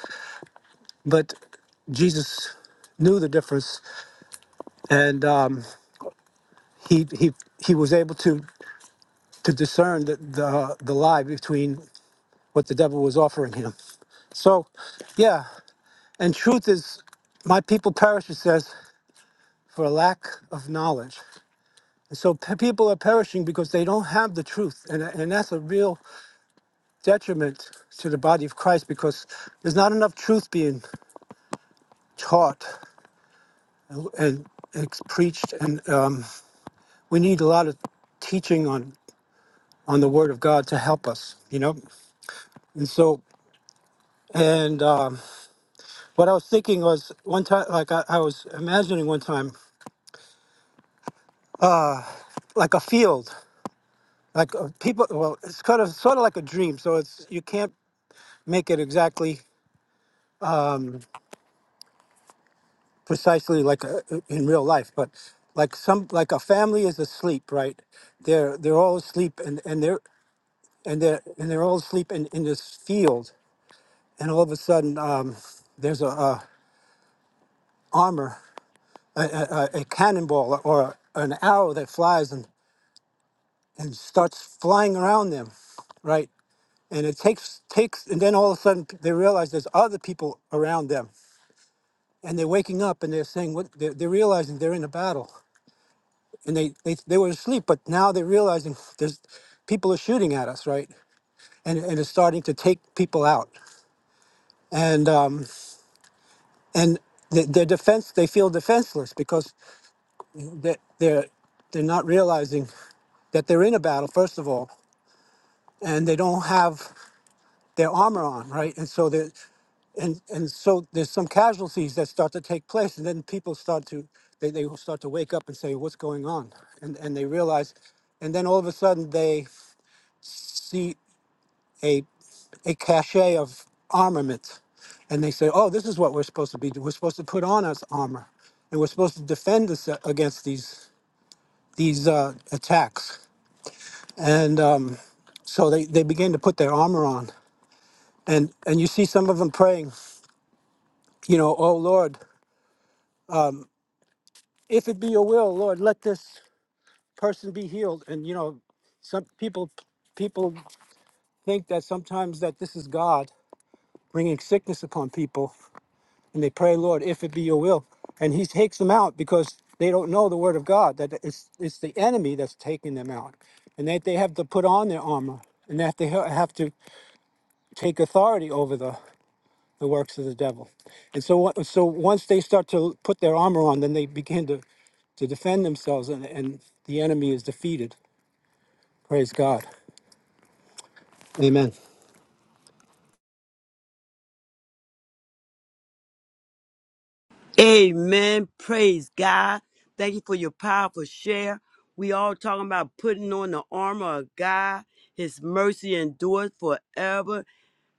Speaker 6: But Jesus knew the difference, and um, he he he was able to to discern the, the the lie between what the devil was offering him. So, yeah, and truth is, my people perish. It says for a lack of knowledge. So pe- people are perishing because they don't have the truth, and and that's a real detriment to the body of Christ because there's not enough truth being taught and ex- preached, and um, we need a lot of teaching on on the Word of God to help us, you know. And so, and um, what I was thinking was one time, like I, I was imagining one time, like a field, like uh, people. Well, it's kind of sort of like a dream, so it's you can't make it exactly precisely like uh, uh, in real life but like some like a family is asleep right they're they're all asleep and and they're and they're and they're all asleep in, in this field and all of a sudden um there's a, a armor a, a, a a cannonball or an arrow that flies and and starts flying around them right and it takes takes and then all of a sudden p- they realize there's other people around them and they're waking up and they're saying what they're, they're realizing they're in a battle and they, they they were asleep but now they're realizing there's people are shooting at us right and and it's starting to take people out and um and th- their defense they feel defenseless because they they're they're not realizing that they're in a battle first of all and they don't have their armor on right and so they and and so there's some casualties that start to take place and then people start to they, they will start to wake up and say what's going on and and they realize and then all of a sudden they see a a cachet of armament. And they say, oh, this is what we're supposed to be doing. We're supposed to put on us armor. And we're supposed to defend us against these these uh, attacks. And um, so they, they begin to put their armor on. And, and you see some of them praying, you know, oh, Lord, if it be your will, Lord, let this person be healed. And, you know, some people people think that sometimes that this is God bringing sickness upon people and they pray, Lord, if it be your will. And he takes them out because they don't know the word of God, that it's, it's the enemy that's taking them out. And that they have to put on their armor and that they ha- have to take authority over the, the works of the devil. And so, what- so once they start to put their armor on, then they begin to, to defend themselves and, and the enemy is defeated. Praise God. Amen.
Speaker 3: Amen. Praise God. Thank you for your powerful share. We all talking about putting on the armor of God. His mercy endures forever.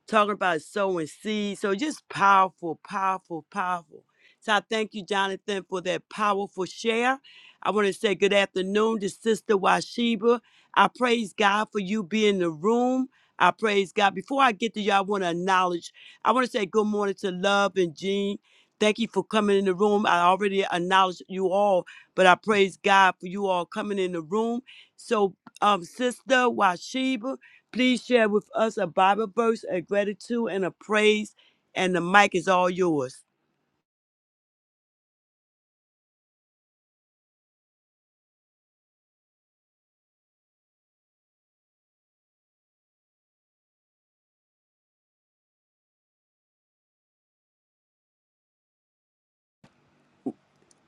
Speaker 3: talking about sowing seeds. So just powerful, powerful, powerful. So I thank you, Jonathan, for that powerful share. I want to say good afternoon to Sister Washiba. I praise God for you being in the room. I praise God. Before I get to you, I want to acknowledge, I want to say good morning to Love and Jean. Thank you for coming in the room. I already acknowledged you all, but I praise God for you all coming in the room. So, um, Sister Washiba. Please share with us a Bible verse, a gratitude, and a praise, and the mic is all yours.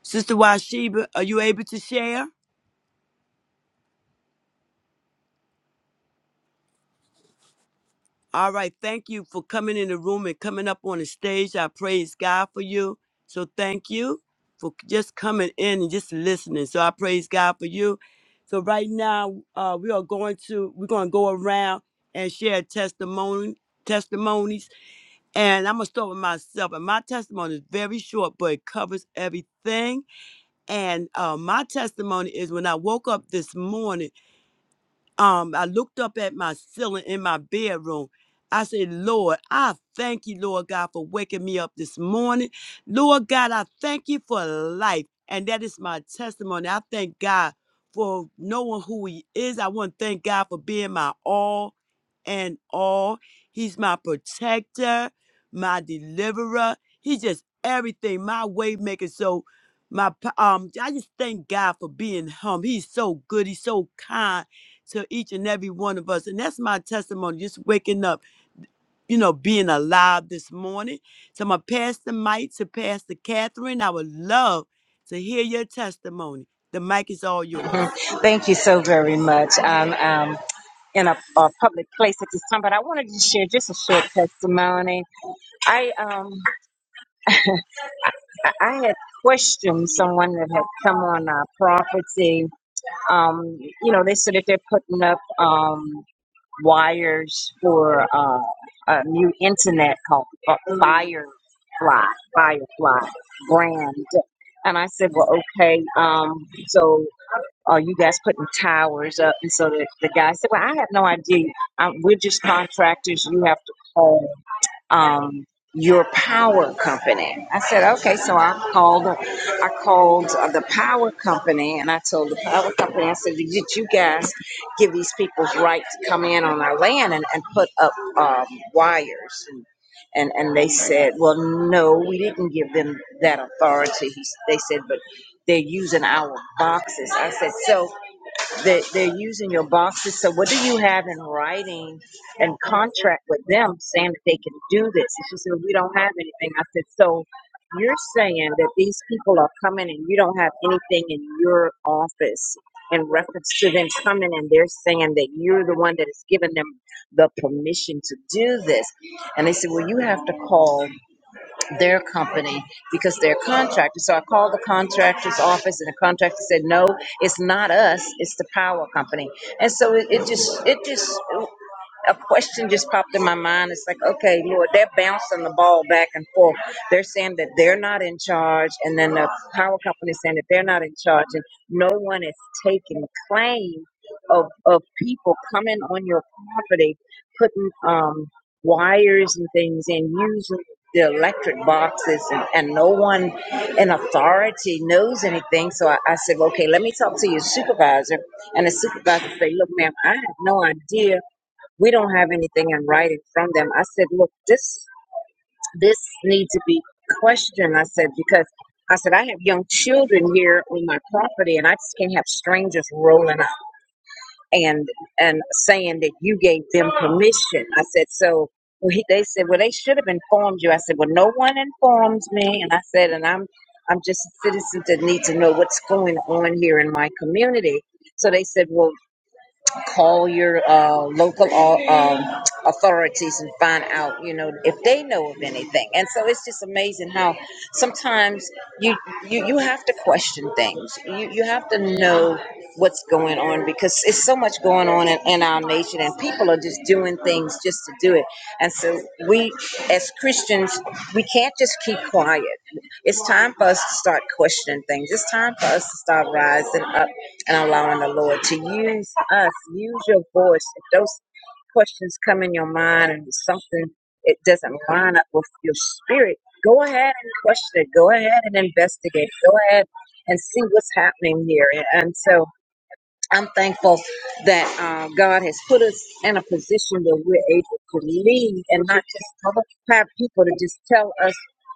Speaker 3: Sister Washiba, are you able to share? All right, thank you for coming in the room and coming up on the stage. I praise God for you. So thank you for just coming in and just listening. So I praise God for you. So right now, uh, we are going to we're going to go around and share testimony testimonies. And I'm gonna start with myself. And my testimony is very short, but it covers everything And uh, my testimony is when I woke up this morning, um, I looked up at my ceiling in my bedroom. I said, Lord, I thank you, Lord God, for waking me up this morning. Lord God, I thank you for life. And that is my testimony. I thank God for knowing who He is. I want to thank God for being my all and all. He's my protector, my deliverer. He's just everything, my way maker. So, my pa- um, I just thank God for being him. He's so good. He's so kind to each and every one of us. And that's my testimony, just waking up, you know, being alive this morning. So my Pastor Mike to Pastor Catherine, I would love to hear your testimony. The mic is all yours.
Speaker 1: Thank you much. Um, in a, a public place at this time, but I wanted to share just a short testimony. I um, I I had questioned someone that had come on our property, Um, you know, they said that they're putting up um, wires for uh, a new internet called Fi- Firefly, Firefly brand. And I said, well, okay. Um, so are you guys putting towers up? And so the, the guy said, well, I have no idea. I, we're just contractors. You have to call um, your power company. I said, okay. So I called, I called the power company, and I told the power company, I said, did you guys give these people's right to come in on our land and, and put up um, wires? And, and and they said, well, no, we didn't give them that authority. He, s- they said, but they're using our boxes. I said, so. They, they're using your boxes. So what do you have in writing and contract with them saying that they can do this? And she said, we don't have anything. I said, so you're saying that these people are coming and you don't have anything in your office in reference to them coming and they're saying that you're the one that is giving them the permission to do this. And they said, well, you have to call their company because they're contractors. So I called the contractor's office, and the contractor said, "No, it's not us. It's the power company." And so it, it just, it just, a question just popped in my mind. It's like, okay, Lord, they're bouncing the ball back and forth. They're saying that they're not in charge, and then the power company is saying that they're not in charge, and no one is taking claim of of people coming on your property, putting um, wires and things, and using the electric boxes, and, and no one in authority knows anything. So I, I said, okay, let me talk to your supervisor, and the supervisor say, look, ma'am, I have no idea we don't have anything in writing from them. I said, look, this this needs to be questioned. I said because I said I have young children here on my property, and I just can't have strangers rolling up and and saying that you gave them permission. I said so. well, he- They said, well, they should have informed you. I said, well, no one informed me, and I said, and I'm I'm just a citizen that needs to know what's going on here in my community. So they said, well, call your uh, local au- um, authorities and find out, you know, if they know of anything. And so it's just amazing how sometimes you you, you have to question things. You you have to know what's going on because it's so much going on in, in our nation and people are just doing things just to do it. And so we as Christians, we can't just keep quiet. It's time for us to start questioning things. It's time for us to start rising up and allowing the Lord to use us, use your voice. If those questions come in your mind and something it doesn't line up with your spirit, go ahead and question it. Go ahead and investigate. Go ahead and see what's happening here. And and so I'm thankful that uh, God has put us in a position where we're able to lead and not just cover- have people to just tell us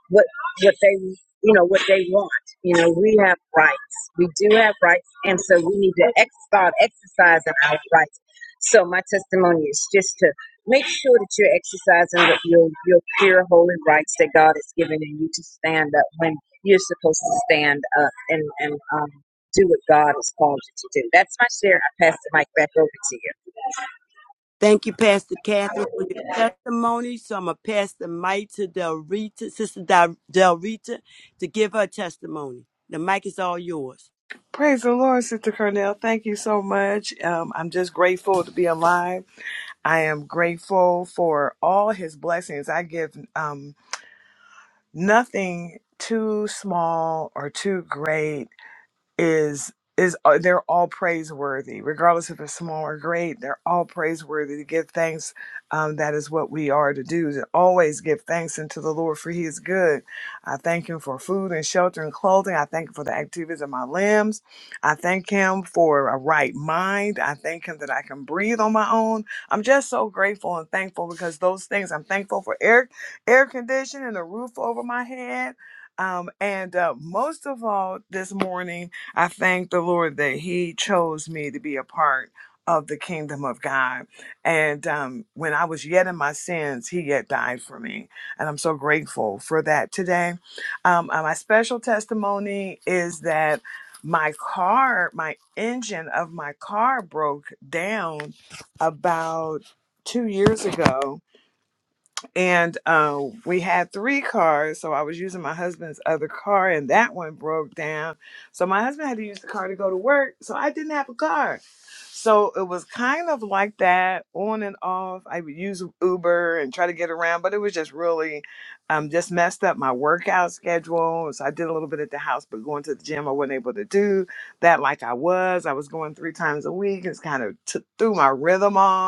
Speaker 1: what what they you know what they want. You know, we have rights. We do have rights, and so we need to ex- start exercising our rights. So my testimony is just to make sure that you're exercising the, your your pure holy rights that God has given in you to stand up when you're supposed to stand up and and um, do what God has called you to do. That's my share. I pass the mic back over to you.
Speaker 3: Thank you, Pastor Catherine, for your testimony. So I'm going to pass the mic to Del Rita, Sister Del Del Rita, to give her testimony. The mic is all yours.
Speaker 4: Praise the Lord, Sister Cornell. Thank you so much. Um, I'm just grateful to be alive. I am grateful for all his blessings. I give. Um, Nothing too small or too great is is uh, they're all praiseworthy regardless if it's small or great they're all praiseworthy to give thanks um, that is what we are to do to always give thanks unto the lord for he is good i thank him for food and shelter and clothing i thank him for the activities of my limbs i thank him for a right mind i thank him that i can breathe on my own i'm just so grateful and thankful because those things i'm thankful for air air conditioning and a roof over my head um, and uh, most of all this morning I thank the Lord that He chose me to be a part of the kingdom of God. And um, when I was yet in my sins, He yet died for me. And I'm so grateful for that today. Um, uh, my special testimony is that my car, my engine of my car broke down about two years ago and uh, we had three cars so i was using my husband's other car and that one broke down so my husband had to use the car to go to work so i didn't have a car so it was kind of like that on and off i would use uber and try to get around but it was just really um, just messed up my workout schedule so i did a little bit at the house but going to the gym i wasn't able to do that like i was i was going three times a week it's kind of t- threw my rhythm off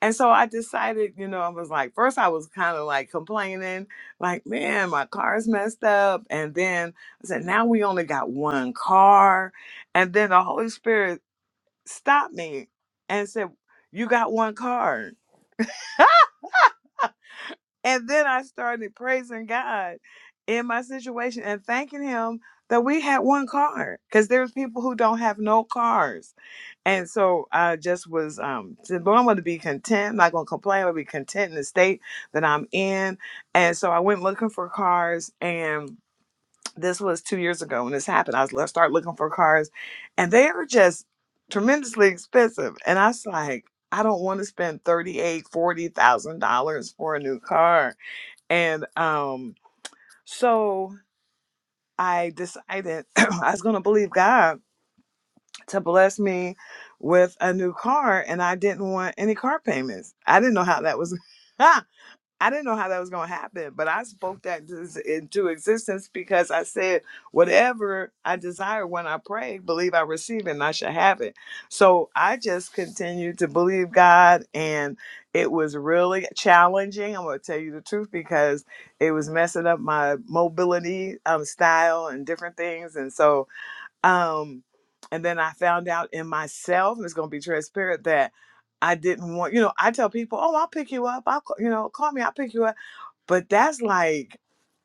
Speaker 4: and so I decided, you know, I was like, first I was kind of like complaining, like, man, my car's messed up. And then I said, now we only got one car. And then the Holy Spirit stopped me and said, you got one car. And then I started praising God in my situation and thanking Him that we had one car because there's people who don't have no cars And so I just was um said, Lord, I'm gonna be content, I'm not gonna complain, I'm gonna be content in the state that I'm in. And so I went looking for cars and this was two years ago when this happened. I was let's start looking for cars and they are just tremendously expensive. And I was like, I don't want to spend thirty eight, forty thousand dollars for a new car. And um so I decided *clears throat* I was gonna believe God to bless me with a new car and I didn't want any car payments. I didn't know how that was *laughs* I didn't know how that was going to happen, but I spoke that des- into existence because I said whatever I desire when I pray, believe I receive it and I shall have it. So I just continued to believe God and it was really challenging. I'm going to tell you the truth because it was messing up my mobility um, style and different things. And so um, and then I found out in myself, and it's going to be transparent, that I didn't want, you know, I tell people, oh, I'll pick you up. I'll, ca- you know, call me, I'll pick you up. But that's like,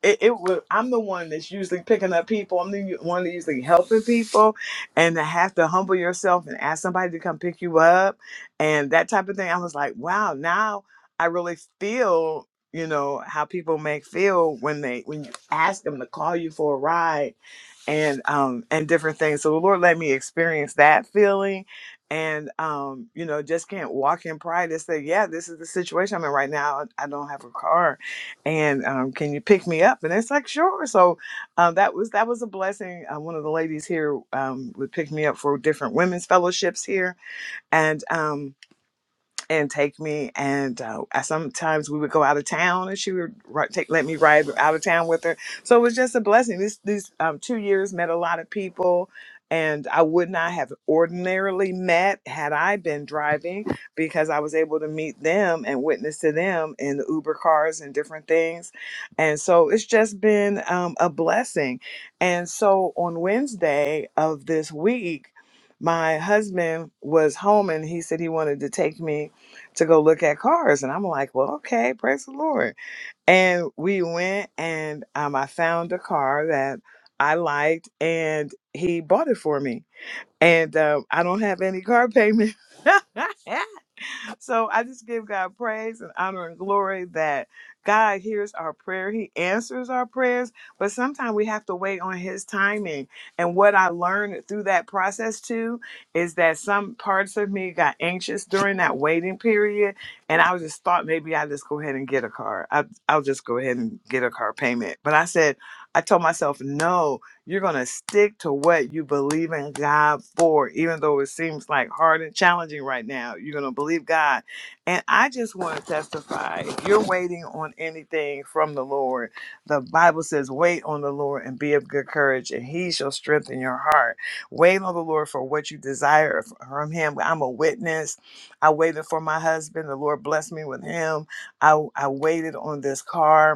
Speaker 4: it, it would, I'm the one that's usually picking up people. I'm the one that's usually helping people. And to have to humble yourself and ask somebody to come pick you up and that type of thing. I was like, wow, now I really feel, you know, how people make feel when they, when you ask them to call you for a ride and um and different things so the lord let me experience that feeling and um you know just can't walk in pride and say yeah this is the situation i'm in right now i don't have a car and um can you pick me up and it's like sure so um that was that was a blessing uh, one of the ladies here um would pick me up for different women's fellowships here and um and take me. And uh, I- sometimes we would go out of town, and she would ri- take let me ride out of town with her. So it was just a blessing. This these um, two years met a lot of people, and I would not have ordinarily met had I been driving because I was able to meet them and witness to them in the Uber cars and different things. And so it's just been um, a blessing. And so on Wednesday of this week. My husband was home and he said he wanted to take me to go look at cars. And I'm like, well, okay, praise the Lord. And we went and um, I found a car that I liked and he bought it for me. And um, I don't have any car payment. *laughs* so I just give God praise and honor and glory that God hears our prayer. He answers our prayers, but sometimes we have to wait on His timing. And what I learned through that process too is that some parts of me got anxious during that waiting period, and I was just thought maybe I just go ahead and get a car. I, I'll just go ahead and get a car payment. But I said, I told myself no you're going to stick to what you believe in God for, even though it seems like hard and challenging right now. You're going to believe God. And I just want to testify if you're waiting on anything from the Lord, the Bible says, wait on the Lord and be of good courage, and he shall strengthen your heart. Wait on the Lord for what you desire from him. I'm a witness. I waited for my husband. The Lord blessed me with him. I, I waited on this car.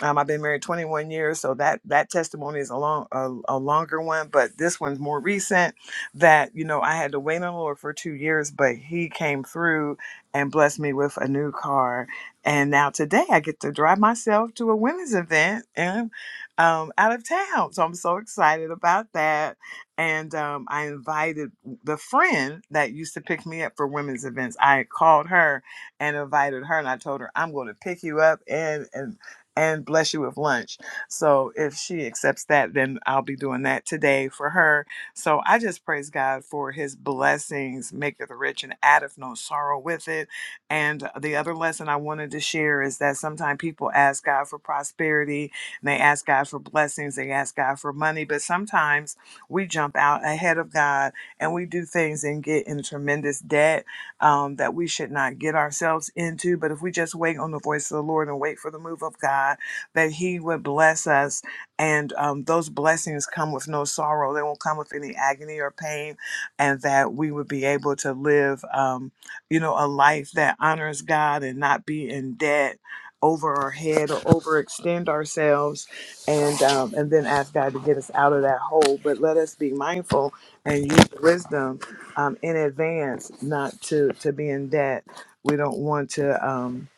Speaker 4: Um, I've been married 21 years, so that that testimony is a long a, a longer one, but this one's more recent. That you know I had to wait on the Lord for two years, but He came through and blessed me with a new car, and now today I get to drive myself to a women's event and um, out of town. So I'm so excited about that, and um, I invited the friend that used to pick me up for women's events. I called her and invited her and I told her I'm going to pick you up and, and and bless you with lunch. So if she accepts that, then I'll be doing that today for her. So I just praise God for his blessings, maketh rich and addeth no sorrow with it. And the other lesson I wanted to share is that sometimes people ask God for prosperity, and they ask God for blessings, they ask God for money, but sometimes we jump out ahead of God and we do things and get in tremendous debt um, that we should not get ourselves into. But if we just wait on the voice of the Lord and wait for the move of God, that He would bless us. And um, those blessings come with no sorrow, they won't come with any agony or pain, and that we would be able to live, um, you know, a life that honors God and not be in debt. Over our head or overextend ourselves, and um, and then ask God to get us out of that hole. But let us be mindful and use wisdom um, in advance not to to be in debt. We don't want to um,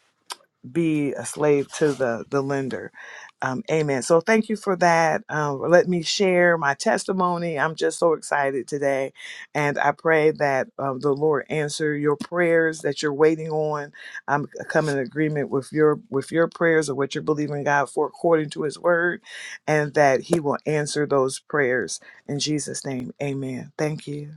Speaker 4: be a slave to the the lender. Um, amen. So thank you for that. Um, let me share my testimony. I'm just so excited today, and I pray that um, the Lord answer your prayers that you're waiting on. I'm coming in agreement with your with your prayers or what you're believing God for according to His Word, and that He will answer those prayers in Jesus' name. Amen. Thank you.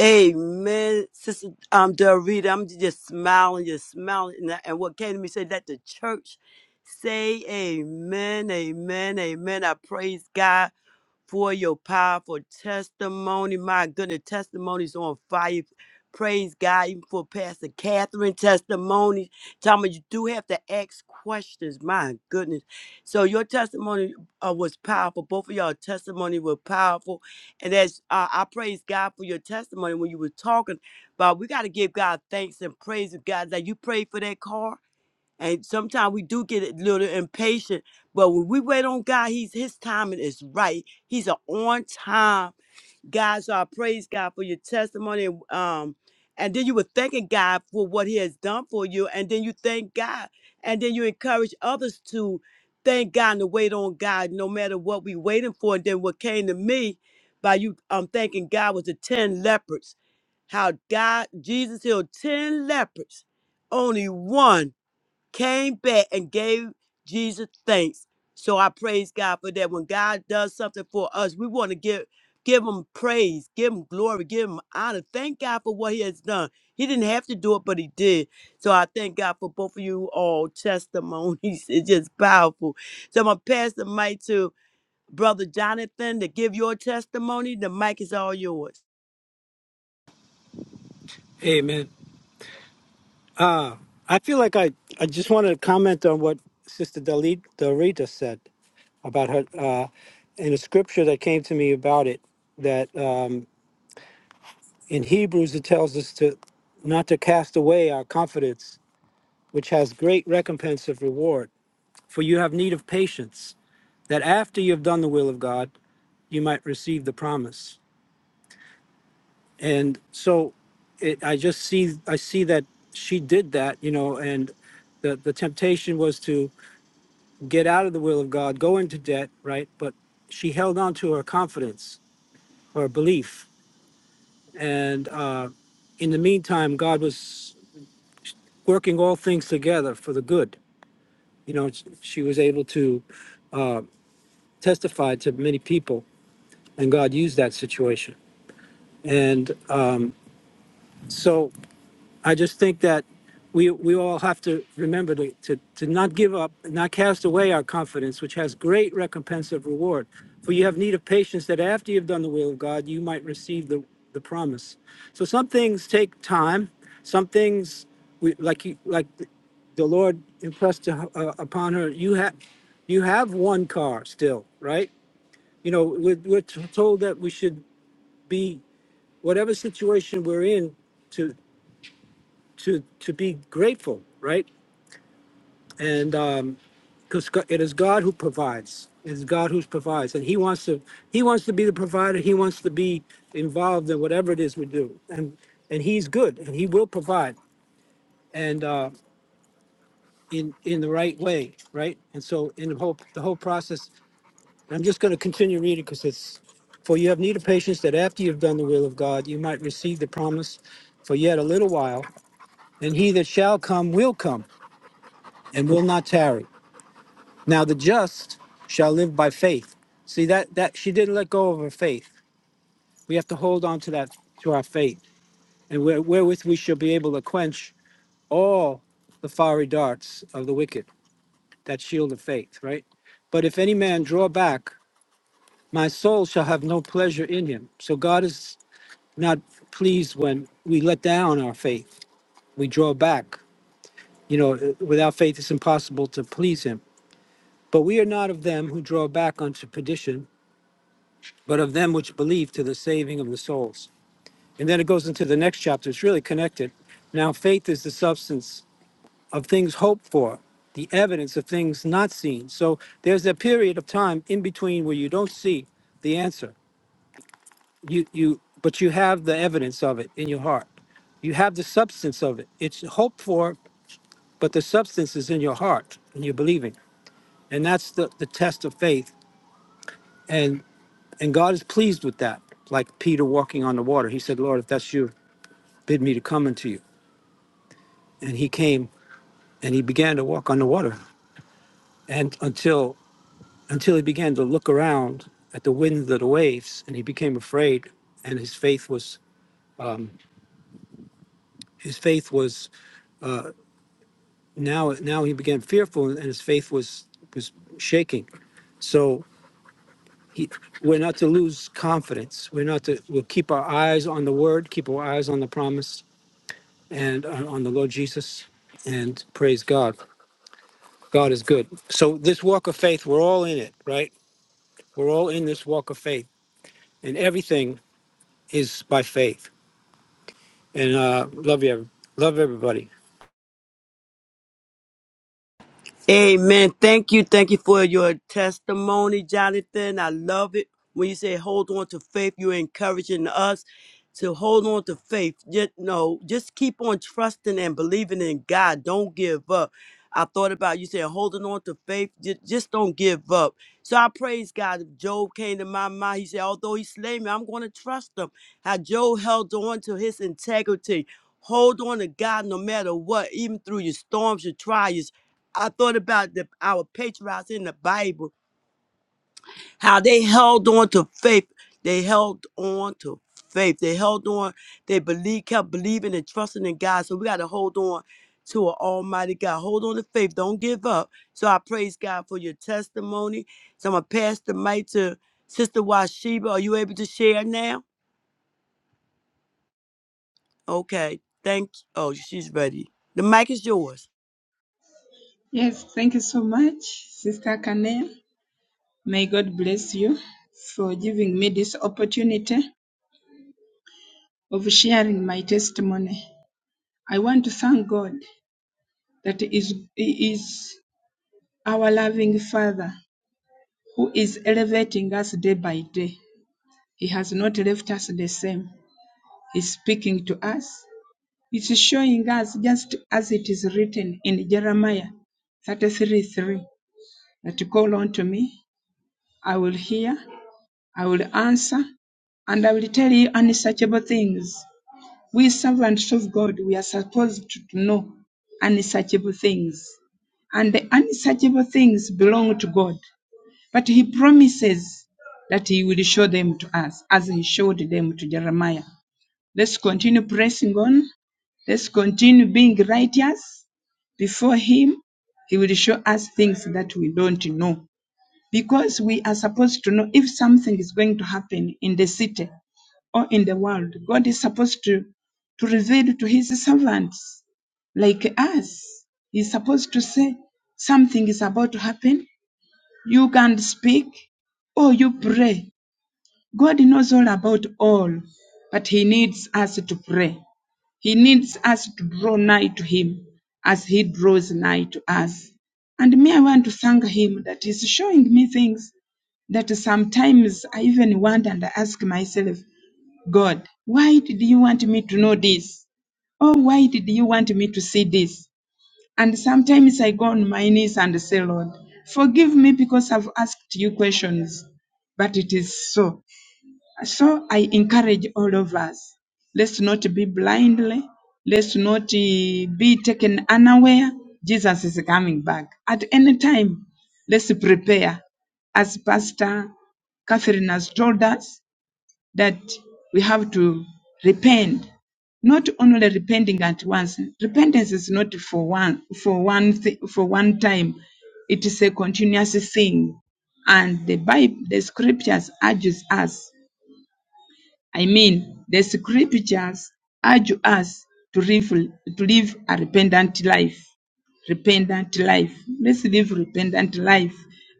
Speaker 3: Amen, Sister um, Dorita. I'm just smiling, just smiling. And, I- and what came to me said that the church say, Amen, Amen, Amen. I praise God for your powerful testimony. My goodness, testimonies on fire. Praise God, even for Pastor Catherine testimony. Thomas, you do have to ask questions. My goodness. So your testimony uh, was powerful. Both of y'all testimony were powerful. And as uh, I praise God for your testimony when you were talking about, we got to give God thanks and praise of God that you prayed for that car and sometimes we do get a little impatient, but when we wait on God, He's His timing is right. He's an on time God. So I praise God for your testimony. and, Um, and then you were thanking God for what He has done for you, and then you thank God, and then you encourage others to thank God and to wait on God, no matter what we waiting for. And then what came to me by you um thanking God was the ten lepers. How God Jesus healed ten lepers, only one came back and gave Jesus thanks. So I praise God for that. When God does something for us, we want to give give him praise, give him glory, give him honor. Thank God for what he has done. He didn't have to do it, but he did. So I thank God for both of you all testimonies. *laughs* It's just powerful. So I'm gonna pass the mic to Brother Jonathan to give your testimony. The mic is all yours.
Speaker 6: Amen. I feel like I, I just wanted to comment on what Sister Dalit Dorita said about her, uh, and a scripture that came to me about it, that um, in Hebrews it tells us to not to cast away our confidence, which has great recompense of reward. For you have need of patience, that after you have done the will of God, you might receive the promise. And so it, I just see I see that she did that, you know, and the, the temptation was to get out of the will of God, go into debt, right? But she held on to her confidence, her belief. And uh, in the meantime, God was working all things together for the good. You know, she was able to uh, testify to many people, and God used that situation. And uh, so I just think that we we all have to remember to, to, to not give up, not cast away our confidence, which has great recompense of reward. For you have need of patience that after you've done the will of God, you might receive the, the promise. So some things take time. Some things we like you like the Lord impressed uh, upon her. You have you have one car still, right? You know, we're, we're t- told that we should be whatever situation we're in to to be grateful, right? And because um, it is God who provides, it is God who provides, and He wants to He wants to be the provider. He wants to be involved in whatever it is we do, and and He's good, and He will provide, and uh, in in the right way, right? And so in the whole the whole process, and I'm just going to continue reading because it's for you have need of patience that after you've done the will of God, you might receive the promise for yet a little while. And he that shall come will come and will not tarry. Now the just shall live by faith. See that that she didn't let go of her faith. We have to hold on to that to our faith, and where, wherewith we shall be able to quench all the fiery darts of the wicked. That shield of faith, right? But if any man draw back, my soul shall have no pleasure in him. So God is not pleased when we let down our faith. We draw back. You know, without faith, it's impossible to please Him. But we are not of them who draw back unto perdition, but of them which believe to the saving of the souls. And then it goes into the next chapter. It's really connected. Now, faith is the substance of things hoped for, the evidence of things not seen. So there's a period of time in between where you don't see the answer, you, you, but you have the evidence of it in your heart. You have the substance of it. It's hoped for, but the substance is in your heart and you're believing. And that's the, the test of faith. And God is pleased with that. Like Peter walking on the water, he said, Lord, if that's you, bid me to come unto you. And he came and he began to walk on the water. And until until he began to look around at the winds of the waves and he became afraid and his faith was his faith was now now he became fearful and his faith was was shaking. So he, we're not to lose confidence. We're not to we'll keep our eyes on the word, keep our eyes on the promise, and on, on the Lord Jesus and praise God. God is good. So this walk of faith, we're all in it, right? We're all in this walk of faith, and everything is by faith. And uh, love you, every- love everybody.
Speaker 3: Amen. Thank you. Thank you for your testimony, Jonathan. I love it. When you say hold on to faith, you're encouraging us to hold on to faith. Just, no, just keep on trusting and believing in God. Don't give up. I thought about you saying holding on to faith. Just, just don't give up. So I praise God. If Job came to my mind, he said, although he slay me, I'm going to trust him. How Job held on to his integrity. Hold on to God no matter what, even through your storms, your trials I thought about the, our patriarchs in the Bible, how they held on to faith. They held on to faith. They held on. They believe, kept believing and trusting in God. So we got to hold on to an Almighty God. Hold on to faith. Don't give up. So I praise God for your testimony. So I'm gonna pass the mic to Sister Washiba. Are you able to share now? Okay. Thank. Oh, she's ready. The mic is yours.
Speaker 7: Yes, thank you so much, Sister Kane. May God bless you for giving me this opportunity of sharing my testimony. I want to thank God that He is, He is our loving Father who is elevating us day by day. He has not left us the same. He's speaking to us. He's showing us just as it is written in Jeremiah thirty-three three, that call unto me, I will hear I will answer, and I will tell you unsearchable things. We servants of God, we are supposed to know unsearchable things. And the unsearchable things belong to God. But He promises that He will show them to us as He showed them to Jeremiah. Let's continue pressing on. Let's continue being righteous before Him. He will show us things that we don't know because we are supposed to know if something is going to happen in the city or in the world. God is supposed to, to reveal to his servants like us. He's supposed to say something is about to happen. You can't speak or you pray. God knows all about all, but he needs us to pray. He needs us to draw nigh to him as he draws nigh to us. And me, I want to thank him that he's showing me things that sometimes I even wonder and ask myself, God, why did you want me to know this? or why did you want me to see this? And sometimes I go on my knees and say, Lord, forgive me because I've asked you questions. But it is so. So I encourage all of us, let's not be blindly, let's not eh, be taken unaware. Jesus is coming back at any time. Let's prepare. As Pastor Catherine has told us, that we have to repent. Not only repenting at once. Repentance is not for one for one thi- for one time. It is a continuous thing, and the Bible, the Scriptures urges us I mean, the scriptures urge us to live, to live a repentant life. Repentant life. Let's live repentant life.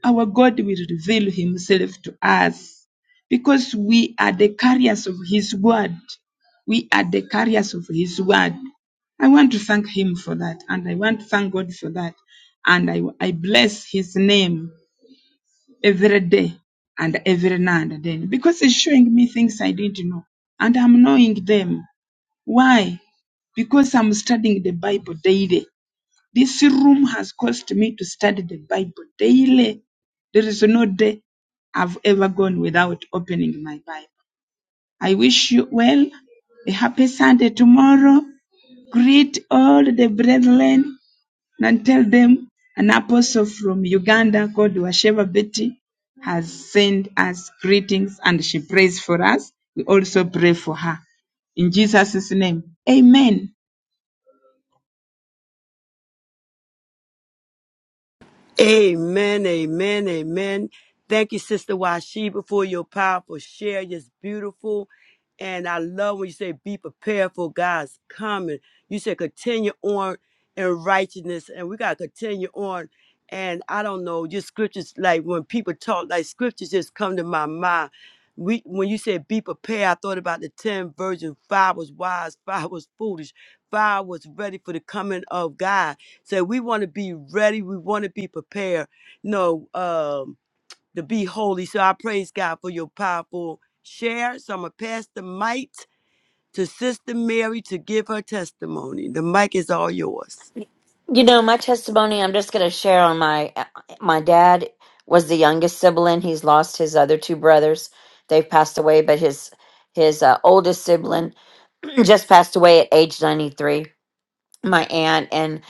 Speaker 7: Our God will reveal himself to us because we are the carriers of his word. We are the carriers of his word. I want to thank him for that, and I want to thank God for that, and I, I bless his name every day and every now and then because it's showing me things I didn't know and I'm knowing them. Why? Because I'm studying the Bible daily. This room has caused me to study the Bible daily. There is no day I've ever gone without opening my Bible. I wish you well. A happy Sunday tomorrow. Greet all the brethren and tell them an apostle from Uganda called Washeva Betty has sent us greetings and she prays for us. We also pray for her. In Jesus' name, amen.
Speaker 3: Amen, amen, amen. Thank you, Sister Washiba, for your powerful share. It's beautiful. And I love when you say be prepared for God's coming. You said continue on in righteousness. And we gotta continue on. And I don't know, just scriptures like when people talk, like scriptures just come to my mind. We when you said be prepared, I thought about the ten virgins. Five was wise, *laughs* five was foolish, five was ready for the coming of God so we want to be ready. We want to be prepared, you know, um, to be holy. So I praise God for your powerful share. So I'm going to pass the mic to Sister Mary to give her testimony. The mic is all yours.
Speaker 5: You know, my testimony, I'm just going to share on my uh, my dad was the youngest sibling. He's lost his other two brothers. They've passed away, but his his uh, oldest sibling *clears throat* just passed away at age 93. My aunt and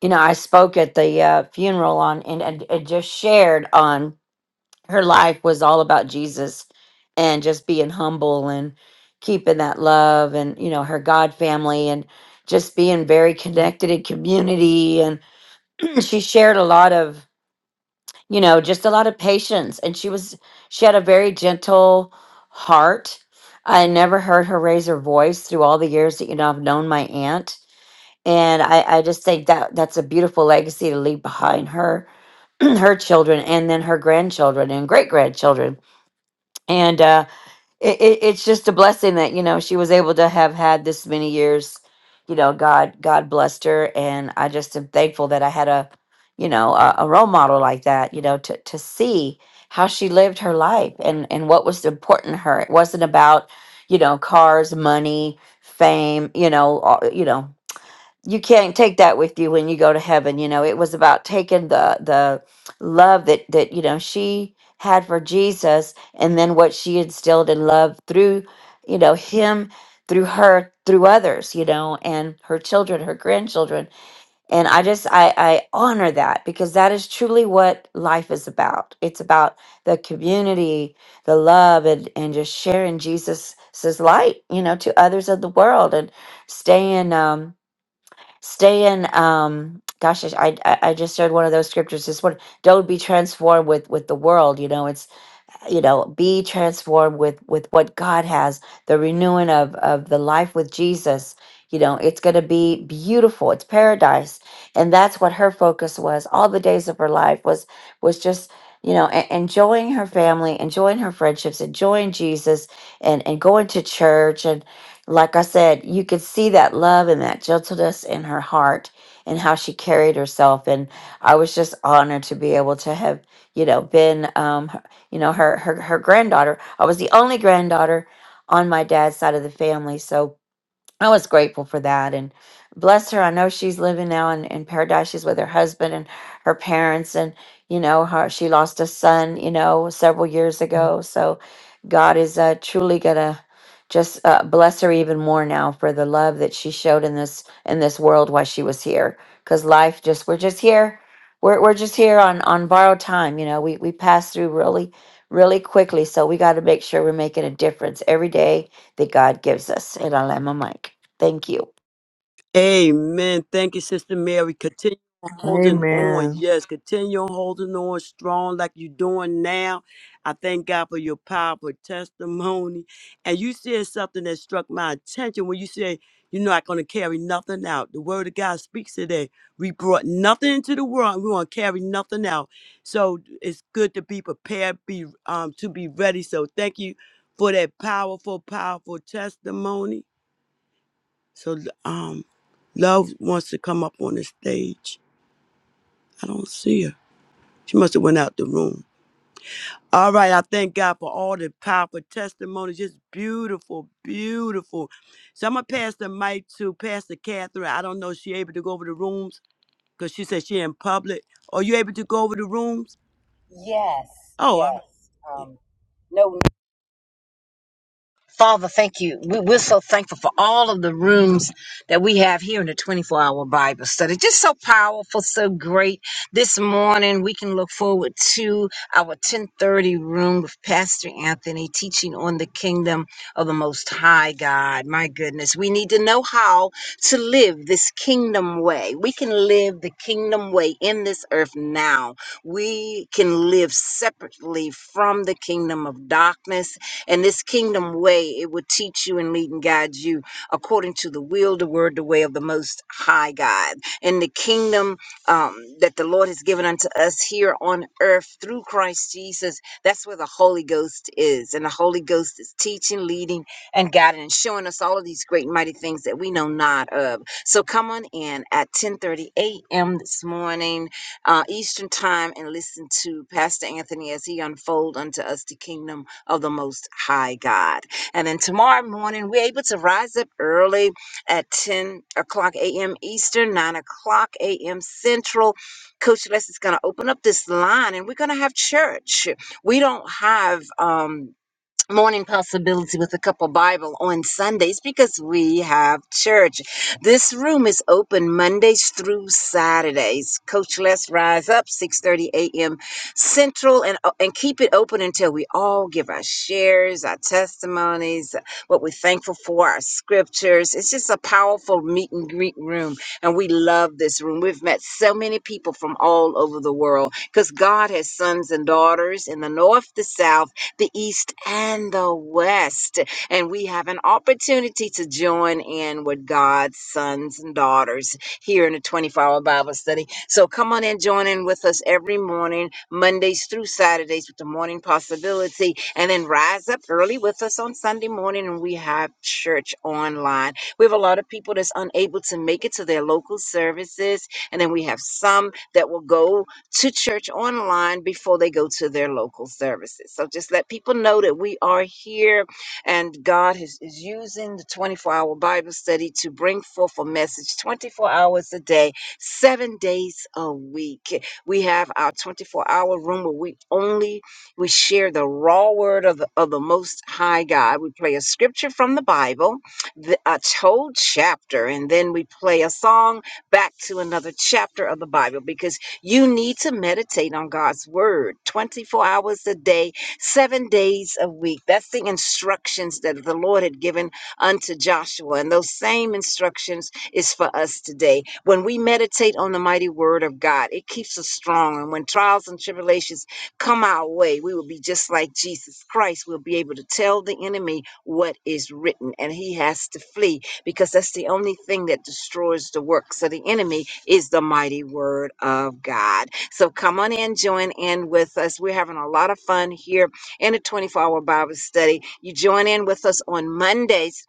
Speaker 5: you know, I spoke at the uh, funeral on and, and, and just shared on her life was all about Jesus and just being humble and keeping that love and you know, her God family and just being very connected in community and she shared a lot of you know just a lot of patience and she was she had a very gentle heart i never heard her raise her voice through all the years that you know i've known my aunt and i i just think that that's a beautiful legacy to leave behind her *clears throat* her children and then her grandchildren and great grandchildren and uh, it, it it's just a blessing that you know she was able to have had this many years you know god god blessed her and i just am thankful that i had a you know a, a role model like that you know to to see how she lived her life and and what was important to her it wasn't about you know cars money fame you know all, you know you can't take that with you when you go to heaven you know it was about taking the the love that that you know she had for jesus and then what she instilled in love through you know him through her through others you know and her children her grandchildren and i just i i honor that because that is truly what life is about it's about the community the love and and just sharing jesus's light you know to others of the world and staying um Stay in. Um, gosh, I I, I just shared one of those scriptures. This one, don't be transformed with with the world. You know, it's you know be transformed with with what god has the renewing of of the life with jesus you know it's going to be beautiful it's paradise and that's what her focus was all the days of her life was was just you know e- enjoying her family enjoying her friendships enjoying jesus and and going to church and like i said you could see that love and that gentleness in her heart and how she carried herself and i was just honored to be able to have you know been um, you know her her her granddaughter. I was the only granddaughter on my dad's side of the family, so I was grateful for that and bless her. I know she's living now in, in paradise. She's with her husband and her parents and you know, her she lost a son, you know, several years ago. So God is uh, truly gonna just uh, bless her even more now for the love that she showed in this in this world while she was here. Cause life just we're just here. We're we're just here on on borrowed time, you know. We we pass through really, really quickly. So we gotta make sure we're making a difference every day that God gives us. And I land my mic. Thank you.
Speaker 3: Amen. Thank you, Sister Mary. Continue on holding on.
Speaker 4: Amen.
Speaker 3: Yes, continue on holding on strong like you're doing now. I thank God for your powerful testimony. And you said something that struck my attention when you said, You're not going to carry nothing out. The word of God speaks today. We brought nothing into the world. and We want to carry nothing out. So it's good to be prepared, be um, to be ready. So thank you for that powerful, powerful testimony. So um, Love wants to come up on the stage. I don't see her. She must have went out the room. All right, I thank God for all the powerful testimonies. Just beautiful, beautiful. So I'm gonna pass the mic to Pastor Catherine. I don't know if she able to go over the rooms because she said she in public. Are you able to go over the rooms?
Speaker 1: Yes,
Speaker 3: Oh, all right.
Speaker 1: yes. Um, no Father, thank you. We- We're so thankful for all of the rooms that we have here in the 24 hour Bible study. Just so powerful, so great. This morning, we can look forward to our 1030 room with Pastor Anthony teaching on the kingdom of the Most High God. My goodness, we need to know how to live this kingdom way. We can live the kingdom way in this earth now. We can live separately from the kingdom of darkness and this kingdom way, it will teach you and lead and guide you according to the will, the word, the way of the most high God. And the kingdom um, that the Lord has given unto us here on earth through Christ Jesus, that's where the Holy Ghost is. And the Holy Ghost is teaching, leading, and guiding and showing us all of these great and mighty things that we know not of. So come on in at 10:30 a.m. this morning, uh, Eastern time, and listen to Pastor Anthony as he unfold unto us the kingdom of the Most High God. And then tomorrow morning, we're able to rise up early at 10 o'clock a.m. Eastern, 9 o'clock a.m. Central. Coach Les is going to open up this line and we're going to have church. We don't have. um morning possibility with a cup of bible on sundays because we have church this room is open mondays through saturdays coach let's rise up 6:30 a.m central and uh, and keep it open until we all give our shares our testimonies what we're thankful for our scriptures it's just a powerful meet and greet room and we love this room we've met so many people from all over the world because god has sons and daughters in the north the south the East and the West. And we have an opportunity to join in with God's sons and daughters here in the 24 hour Bible study. So come on and join in with us every morning, Mondays through Saturdays with the morning possibility. And then rise up early with us on Sunday morning and we have church online. We have a lot of people that's unable to make it to their local services. And then we have some that will go to church online before they go to their local services. So just let people know that we are here and God is, is using the 24 hour Bible study to bring forth a message 24 hours a day, seven days a week. We have our 24 hour room where we only we share the raw word of the, of the most high God. We play a scripture from the Bible, the, a whole chapter, and then we play a song back to another chapter of the Bible because you need to meditate on God's word 24 hours a day, seven days a week. That's the instructions that the Lord had given unto Joshua. And those same instructions is for us today. When we meditate on the mighty word of God, it keeps us strong. And when trials and tribulations come our way, we will be just like Jesus Christ. We'll be able to tell the enemy what is written, and he has to flee because that's the only thing that destroys the works of the enemy is the mighty word of God. So come on in, join in with us. We're having a lot of fun here in a 24 hour Bible study. You join in with us on Mondays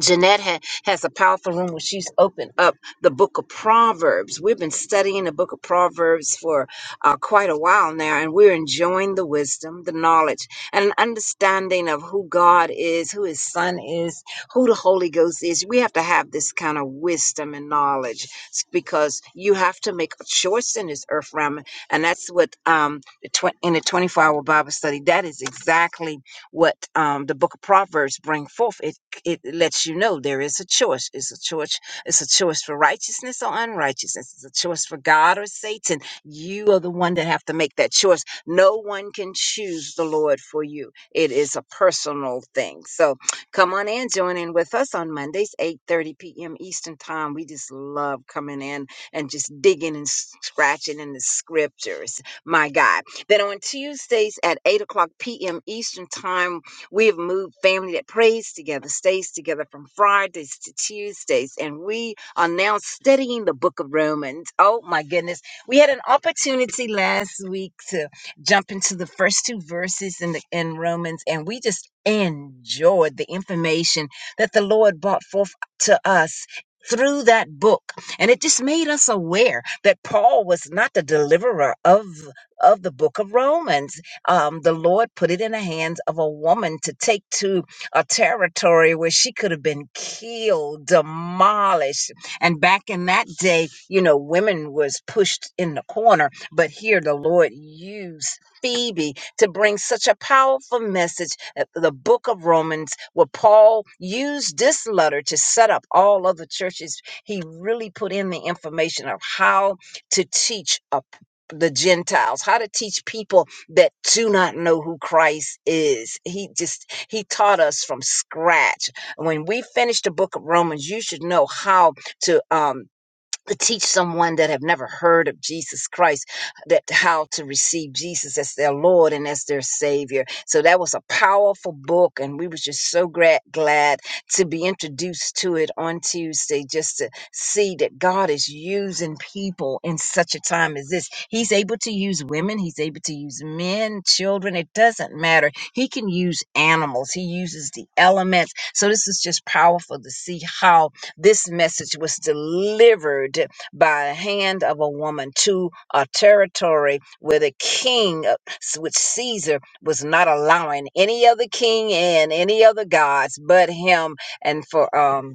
Speaker 1: Jeanette ha- has a powerful room where she's opened up the book of Proverbs. We've been studying the book of Proverbs for uh, quite a while now, and we're enjoying the wisdom, the knowledge, and an understanding of who God is, who His Son is, who the Holy Ghost is. We have to have this kind of wisdom and knowledge s- because you have to make a choice in this earth realm, and that's what um, the twen- in the 24-hour Bible study. That is exactly what um, the book of Proverbs bring forth it lets you know there is a choice. It's a choice. It's a choice for righteousness or unrighteousness. It's a choice for God or Satan. You are the one that have to make that choice. No one can choose the Lord for you. It is a personal thing. So come on in, join in with us on Mondays, 8:30 p.m. Eastern time. We just love coming in and just digging and scratching in the scriptures. My God. Then on Tuesdays at 8 o'clock p.m. Eastern time. We have moved family that prays together, stays together from Fridays to Tuesdays, and we are now studying the book of Romans. Oh my goodness. We had an opportunity last week to jump into the first two verses in the in Romans, and we just enjoyed the information that the Lord brought forth to us through that book and it just made us aware that paul was not the deliverer of of the book of romans um, the Lord put it in the hands of a woman to take to a territory where she could have been killed, demolished. And back in that day, you know, women was pushed in the corner, but here the Lord used Phoebe to bring such a powerful message at the book of Romans, where Paul used this letter to set up all other churches. He really put in the information of how to teach a the Gentiles, how to teach people that do not know who Christ is. He just, he taught us from scratch. When we finish the book of Romans, you should know how to, um, to teach someone that have never heard of Jesus Christ that how to receive Jesus as their Lord and as their Savior. So that was a powerful book, and we was just so glad glad to be introduced to it on Tuesday, just to see that God is using people in such a time as this. He's able to use women, He's able to use men, children. It doesn't matter. He can use animals. He uses the elements. So this is just powerful to see how this message was delivered by a hand of a woman to a territory where the king, uh, which Caesar was not allowing any other king and any other gods but him, and for um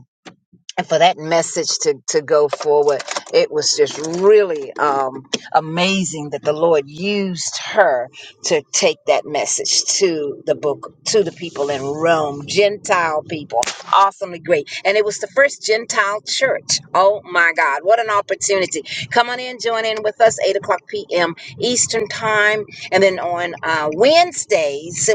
Speaker 1: and for that message to, to go forward it was just really um, amazing that the lord used her to take that message to the book to the people in rome gentile people awesomely great and it was the first gentile church oh my god what an opportunity come on in join in with us 8 o'clock p.m eastern time and then on uh, wednesdays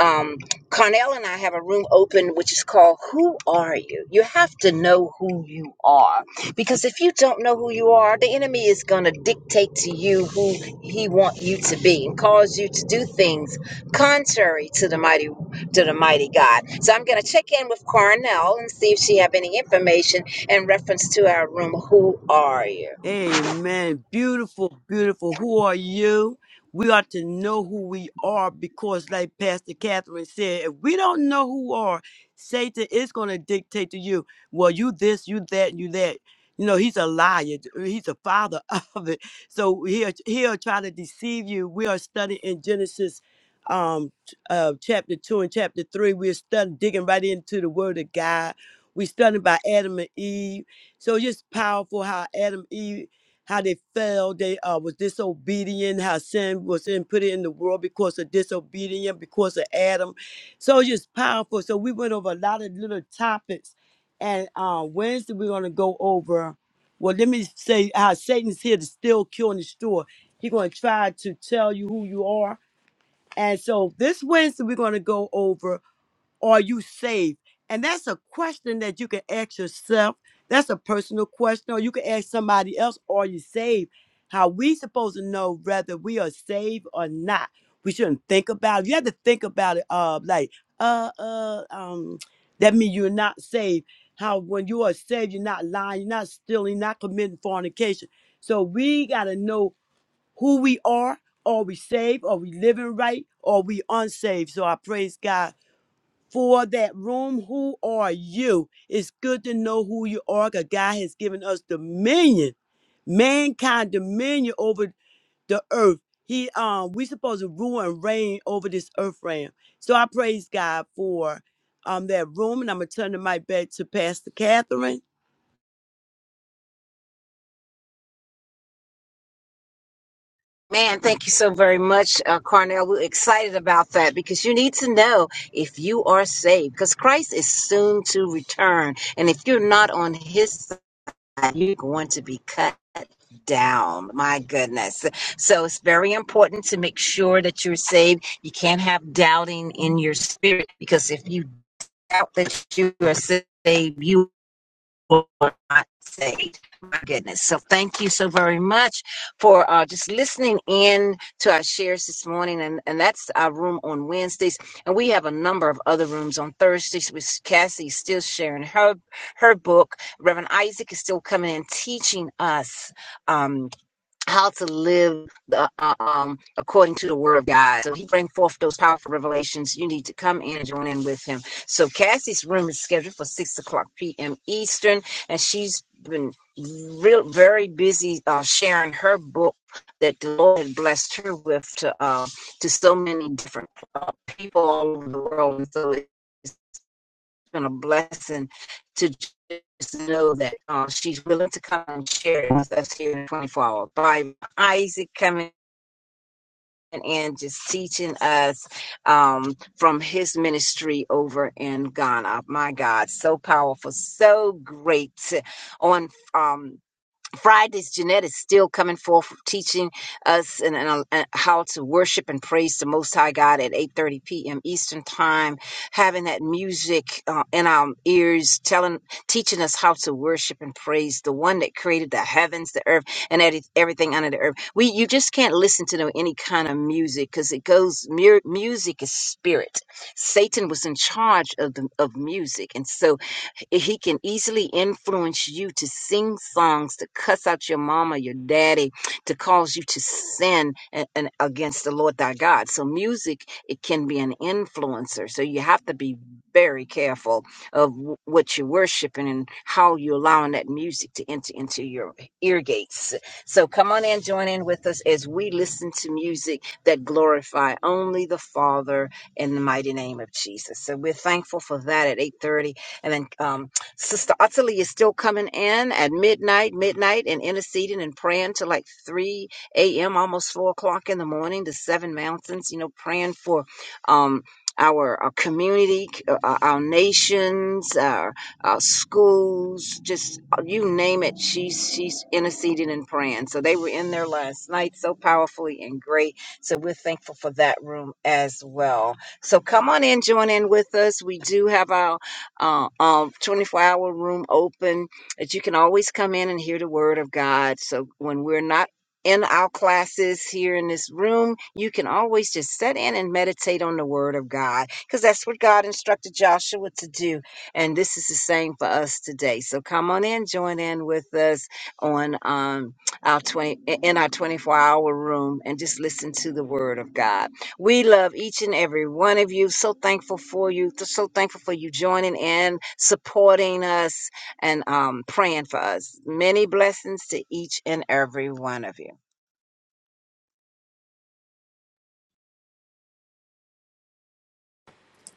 Speaker 1: um, Carnell and I have a room open which is called Who Are You? You have to know who you are because if you don't know who you are, the enemy is going to dictate to you who he want you to be and cause you to do things contrary to the mighty to the mighty God. So I'm going to check in with Carnell and see if she have any information in reference to our room Who Are You?
Speaker 3: Amen. Beautiful, beautiful. Who are you? We ought to know who we are because, like Pastor Catherine said, if we don't know who we are, Satan is going to dictate to you, well, you this, you that, you that. You know, he's a liar. He's a father *laughs* of it. So he'll, he'll try to deceive you. We are studying in Genesis um, ch- uh, chapter 2 and chapter 3. We're studying, digging right into the word of God. We're studying by Adam and Eve so it's just powerful how Adam Eve, how they fell, they uh, was disobedient, how sin was in put in the world because of disobedience, because of Adam. So it's just powerful. So we went over a lot of little topics, and uh, Wednesday we're gonna go over. Well, let me say how Satan's here to steal, kill, and destroy. He's gonna try to tell you who you are. And so this Wednesday we're gonna go over are you saved? And that's a question that you can ask yourself. That's a personal question, or you can ask somebody else, Are you saved? How we supposed to know whether we are saved or not? We shouldn't think about it. You have to think about it, uh, like, uh, uh, um, that means you're not saved. How when you are saved, you're not lying, you're not stealing, you're not committing fornication. So we gotta know who we are. Are we saved? Are we living right? Are we unsaved? So I praise God for that room. Who are you? It's good to know who you are because God has given us dominion, mankind dominion over the earth. He um we supposed to rule and reign over this earth realm. So I praise God for um that room and I'm gonna turn the mic back to Pastor Catherine.
Speaker 1: Man, thank you so very much, uh, Carnell. We're excited about that because you need to know if you are saved because Christ is soon to return. And if you're not on his side, you're going to be cut down. My goodness. So it's very important to make sure that you're saved. You can't have doubting in your spirit because if you doubt that you are saved, you were not saved. My goodness. So thank you so very much for uh, just listening in to our shares this morning. And, and that's our room on Wednesdays. And we have a number of other rooms on Thursdays with Cassie still sharing her her book. Reverend Isaac is still coming and teaching us. um, how to live the, uh, um, according to the word of God. So he brings forth those powerful revelations. You need to come in and join in with him. So Cassie's room is scheduled for six o'clock p.m. Eastern, and she's been real very busy uh, sharing her book that the Lord had blessed her with to uh, to so many different uh, people all over the world. And so been a blessing to just know that uh, she's willing to come and share it with us here in 24 hours by Isaac coming in just teaching us um, from his ministry over in Ghana. My God, so powerful, so great on um, Friday's Jeanette is still coming forth teaching us and, and, uh, how to worship and praise the Most High God at 8:30 p.m. Eastern Time. Having that music uh, in our ears, telling, teaching us how to worship and praise the One that created the heavens, the earth, and every- everything under the earth. We, you just can't listen to no, any kind of music because it goes. mu- Music is spirit. Satan was in charge of the of music, and so he can easily influence you to sing songs to cuss out your mama, your daddy, to cause you to sin and, and against the Lord thy God. So music, it can be an influencer. So you have to be very careful of w- what you're worshiping and how you're allowing that music to enter into your ear gates. So come on in, join in with us as we listen to music that glorify only the Father in the mighty name of Jesus. So we're thankful for that at 8:30 and then um, Sister Ottilie is still coming in at midnight, midnight, and interceding and praying till like 3 a.m., almost 4 o'clock in the morning, the seven mountains, you know, praying for. Um, our, our community, c- uh, our our nations, our, our schools, just uh, you name it, she's she's interceding and praying. So they were in there last night so powerfully and great. So we're thankful for that room as well. So come on in, join in with us. We do have our uh, um, 24 hour room open that you can always come in and hear the word of God. So when we're not in our classes here in this room, you can always just sit in and meditate on the word of God because that's what God instructed Joshua to do. And this is the same for us today. So come on in, join in with us on um, our 20 in our 24 hour room and just listen to the word of God. We love each and every one of you. So thankful for you. So thankful for you joining in, supporting us, and um, praying for us. Many blessings to each and every one of you.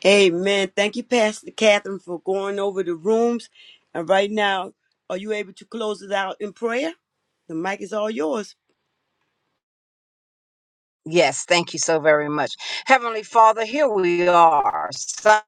Speaker 3: Amen. Thank you, Pastor Catherine, for going over the rooms. And right now, are you able to close it out in prayer? The mic is all yours.
Speaker 1: Yes, thank you so very much. Heavenly Father, here we are, sons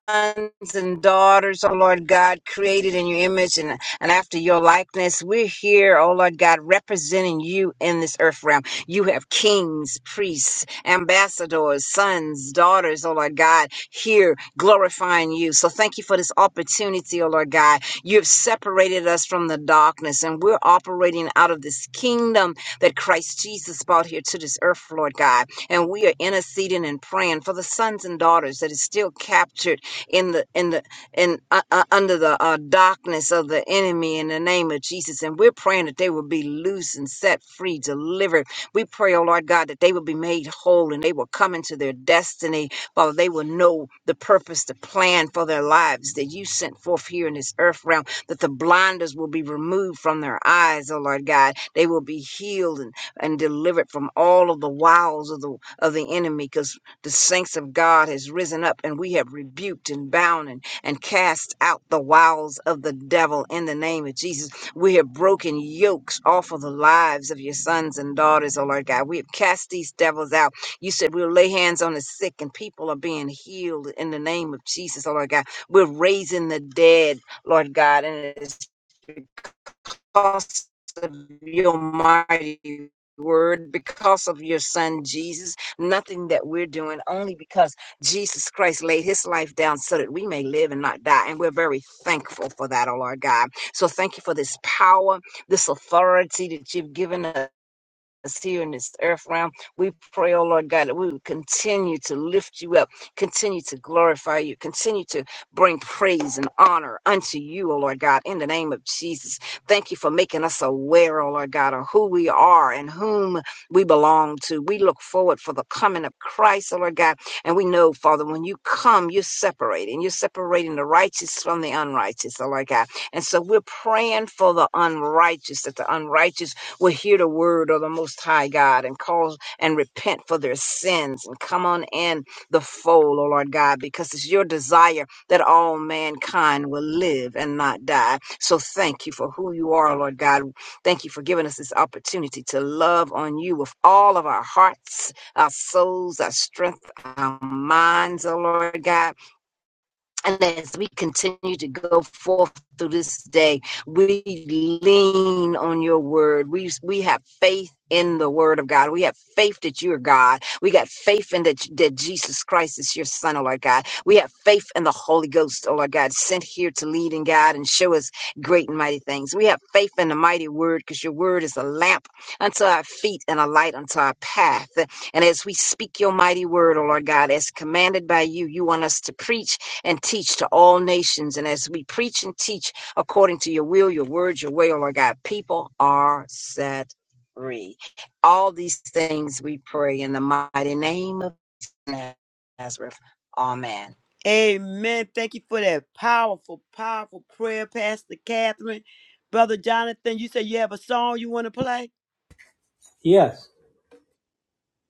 Speaker 1: and daughters, oh Lord God, created in your image and, and after your likeness. We're here, oh Lord God, representing you in this earth realm. You have kings, priests, ambassadors, sons, daughters, oh Lord God, here glorifying you. So thank you for this opportunity, oh Lord God. You have separated us from the darkness and we're operating out of this kingdom that Christ Jesus brought here to this earth, Lord God and we are interceding and praying for the sons and daughters that is still captured in the in the in uh, uh, under the uh, darkness of the enemy in the name of Jesus. And we're praying that they will be loose and set free, delivered. We pray, oh Lord God, that they will be made whole and they will come into their destiny. Father, they will know the purpose, the plan for their lives that you sent forth here in this earth realm, that the blinders will be removed from their eyes, oh Lord God. They will be healed and, and delivered from all of the wiles of the of the enemy because the saints of God has risen up and we have rebuked and bound and, and cast out the wiles of the devil in the name of Jesus. We have broken yokes off of the lives of your sons and daughters, oh Lord God. We have cast these devils out. You said we'll lay hands on the sick and people are being healed in the name of Jesus, oh Lord God. We're raising the dead, Lord God, and it's because of your mighty word, because of your son Jesus. Nothing that we're doing, only because Jesus Christ laid his life down so that we may live and not die. And we're very thankful for that, oh Lord God. So thank you for this power, this authority that you've given us here in this earth realm. We pray, oh Lord God, that we would continue to lift you up, continue to glorify you, continue to bring praise and honor unto you, oh Lord God, in the name of Jesus. Thank you for making us aware, oh Lord God, of who we are and whom we belong to. We look forward for the coming of Christ, oh Lord God, and we know, Father, when you come, you're separating. You're separating the righteous from the unrighteous, oh Lord God. And so we're praying for the unrighteous, that the unrighteous will hear the word of the Most High God and cause and repent for their sins and come on in the fold, O Lord God, because it's your desire that all mankind will live and not die. So thank you for who you are, Lord God. Thank you for giving us this opportunity to love on you with all of our hearts, our souls, our strength, our minds, O Lord God. And as we continue to go forth through this day, we lean on your word. We we have faith in the word of God. We have faith that you are God. We got faith in that, that Jesus Christ is your son, oh Lord God. We have faith in the Holy Ghost, oh Lord God, sent here to lead and guide and show us great and mighty things. We have faith in the mighty word because your word is a lamp unto our feet and a light unto our path. And as we speak your mighty word, oh Lord God, as commanded by you, you want us to preach and teach to all nations. And as we preach and teach according to your will, your word, your way, oh Lord God, people are set free. All these things we pray in the mighty name of Nazareth. Amen.
Speaker 3: Amen. Thank you for that powerful, powerful prayer, Pastor Catherine. Brother Jonathan, you said you have a song you want to play?
Speaker 6: Yes,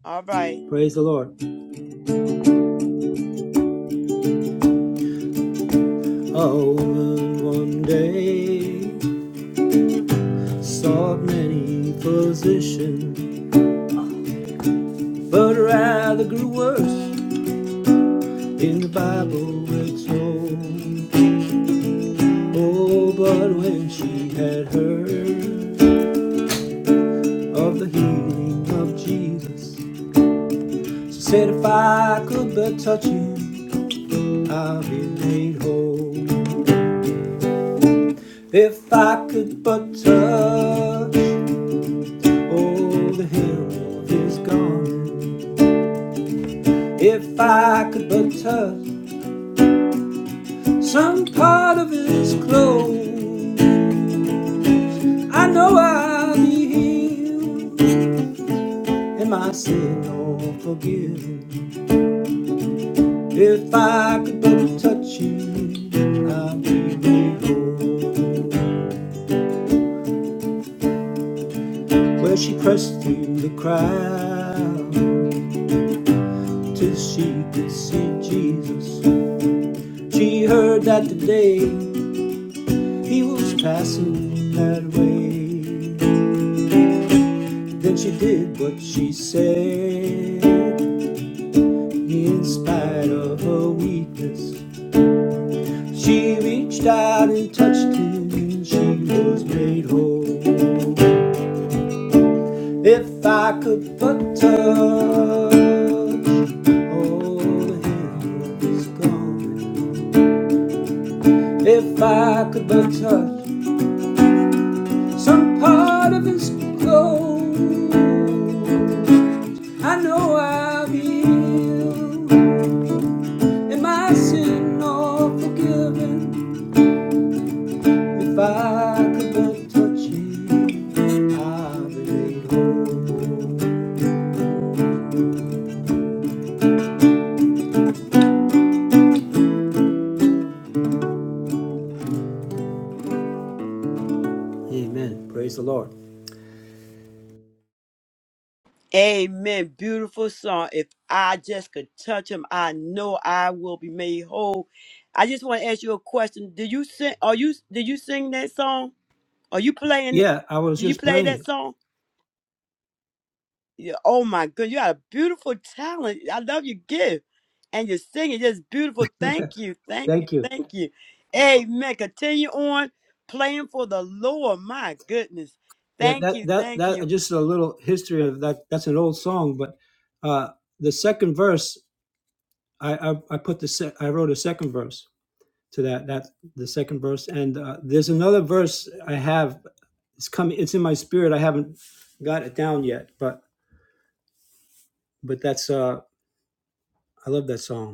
Speaker 3: All right.
Speaker 6: praise the Lord. A woman one day sought many physicians, but rather grew worse. In the Bible it's told. Oh, but when she had heard of the healing of Jesus. She said, If I could but touch him, I'll be made whole. If I could but touch, oh, the hair of his garment. If I could but touch some part of his clothes, I know I'll be healed, and my sin all forgiven. If I could but touch you, I'll be made whole. where she pressed through the crowd till she could see Jesus. She heard that today he was passing that way. Then she did what she said, in spite of her weakness. She reached out and touched him, and she was made whole. If I could but touch. All the hell is gone. If I could but touch some part of his clothes, I know I'll be healed. Am I sin all forgiven? If I could but touch him, I'll be made whole. Amen. Praise the Lord.
Speaker 3: Amen. Beautiful song. If I just could touch him, I know I will be made whole. I just want to ask you a question. Do you sing are you did you sing that song? Are you playing it?
Speaker 6: Yeah, I was
Speaker 3: Did you
Speaker 6: just
Speaker 3: play
Speaker 6: playing
Speaker 3: that
Speaker 6: it.
Speaker 3: song? Yeah, oh my goodness, you got a beautiful talent. I love your gift. And your singing just beautiful. Thank you. Thank you.
Speaker 6: Thank you.
Speaker 3: Thank you. Amen. Continue on playing for the Lord. My goodness.
Speaker 6: Yeah,
Speaker 3: Thank
Speaker 6: that
Speaker 3: you.
Speaker 6: that
Speaker 3: Thank you.
Speaker 6: that just a little history of that. That's an old song, but uh, the second verse. I, I, I put the sec, I wrote a second verse to that that the second verse and uh, there's another verse I have it's coming it's in my spirit I haven't got it down yet but but that's uh I love that song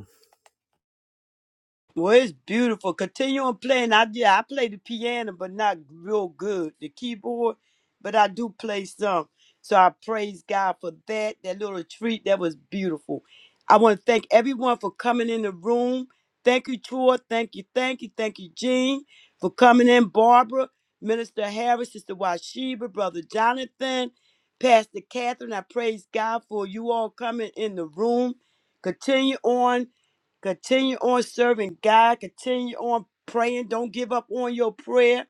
Speaker 3: Well, it's beautiful. Continue on playing. I yeah, I play the piano, but not real good. The keyboard, but I do play some. So I praise God for that. That little treat that was beautiful. I want to thank everyone for coming in the room. Thank you, Troy. Thank you, thank you, thank you, Jean, for coming in. Barbara, Minister Harris, Sister Washiba, Brother Jonathan, Pastor Catherine. I praise God for you all coming in the room. Continue on. Continue on serving God. Continue on praying. Don't give up on your prayer.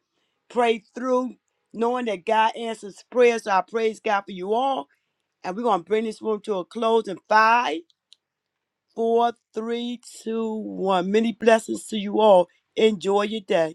Speaker 3: Pray through, knowing that God answers prayers. So I praise God for you all. And we're going to bring this room to a close in five, four, three, two, one. Many blessings to you all. Enjoy your day.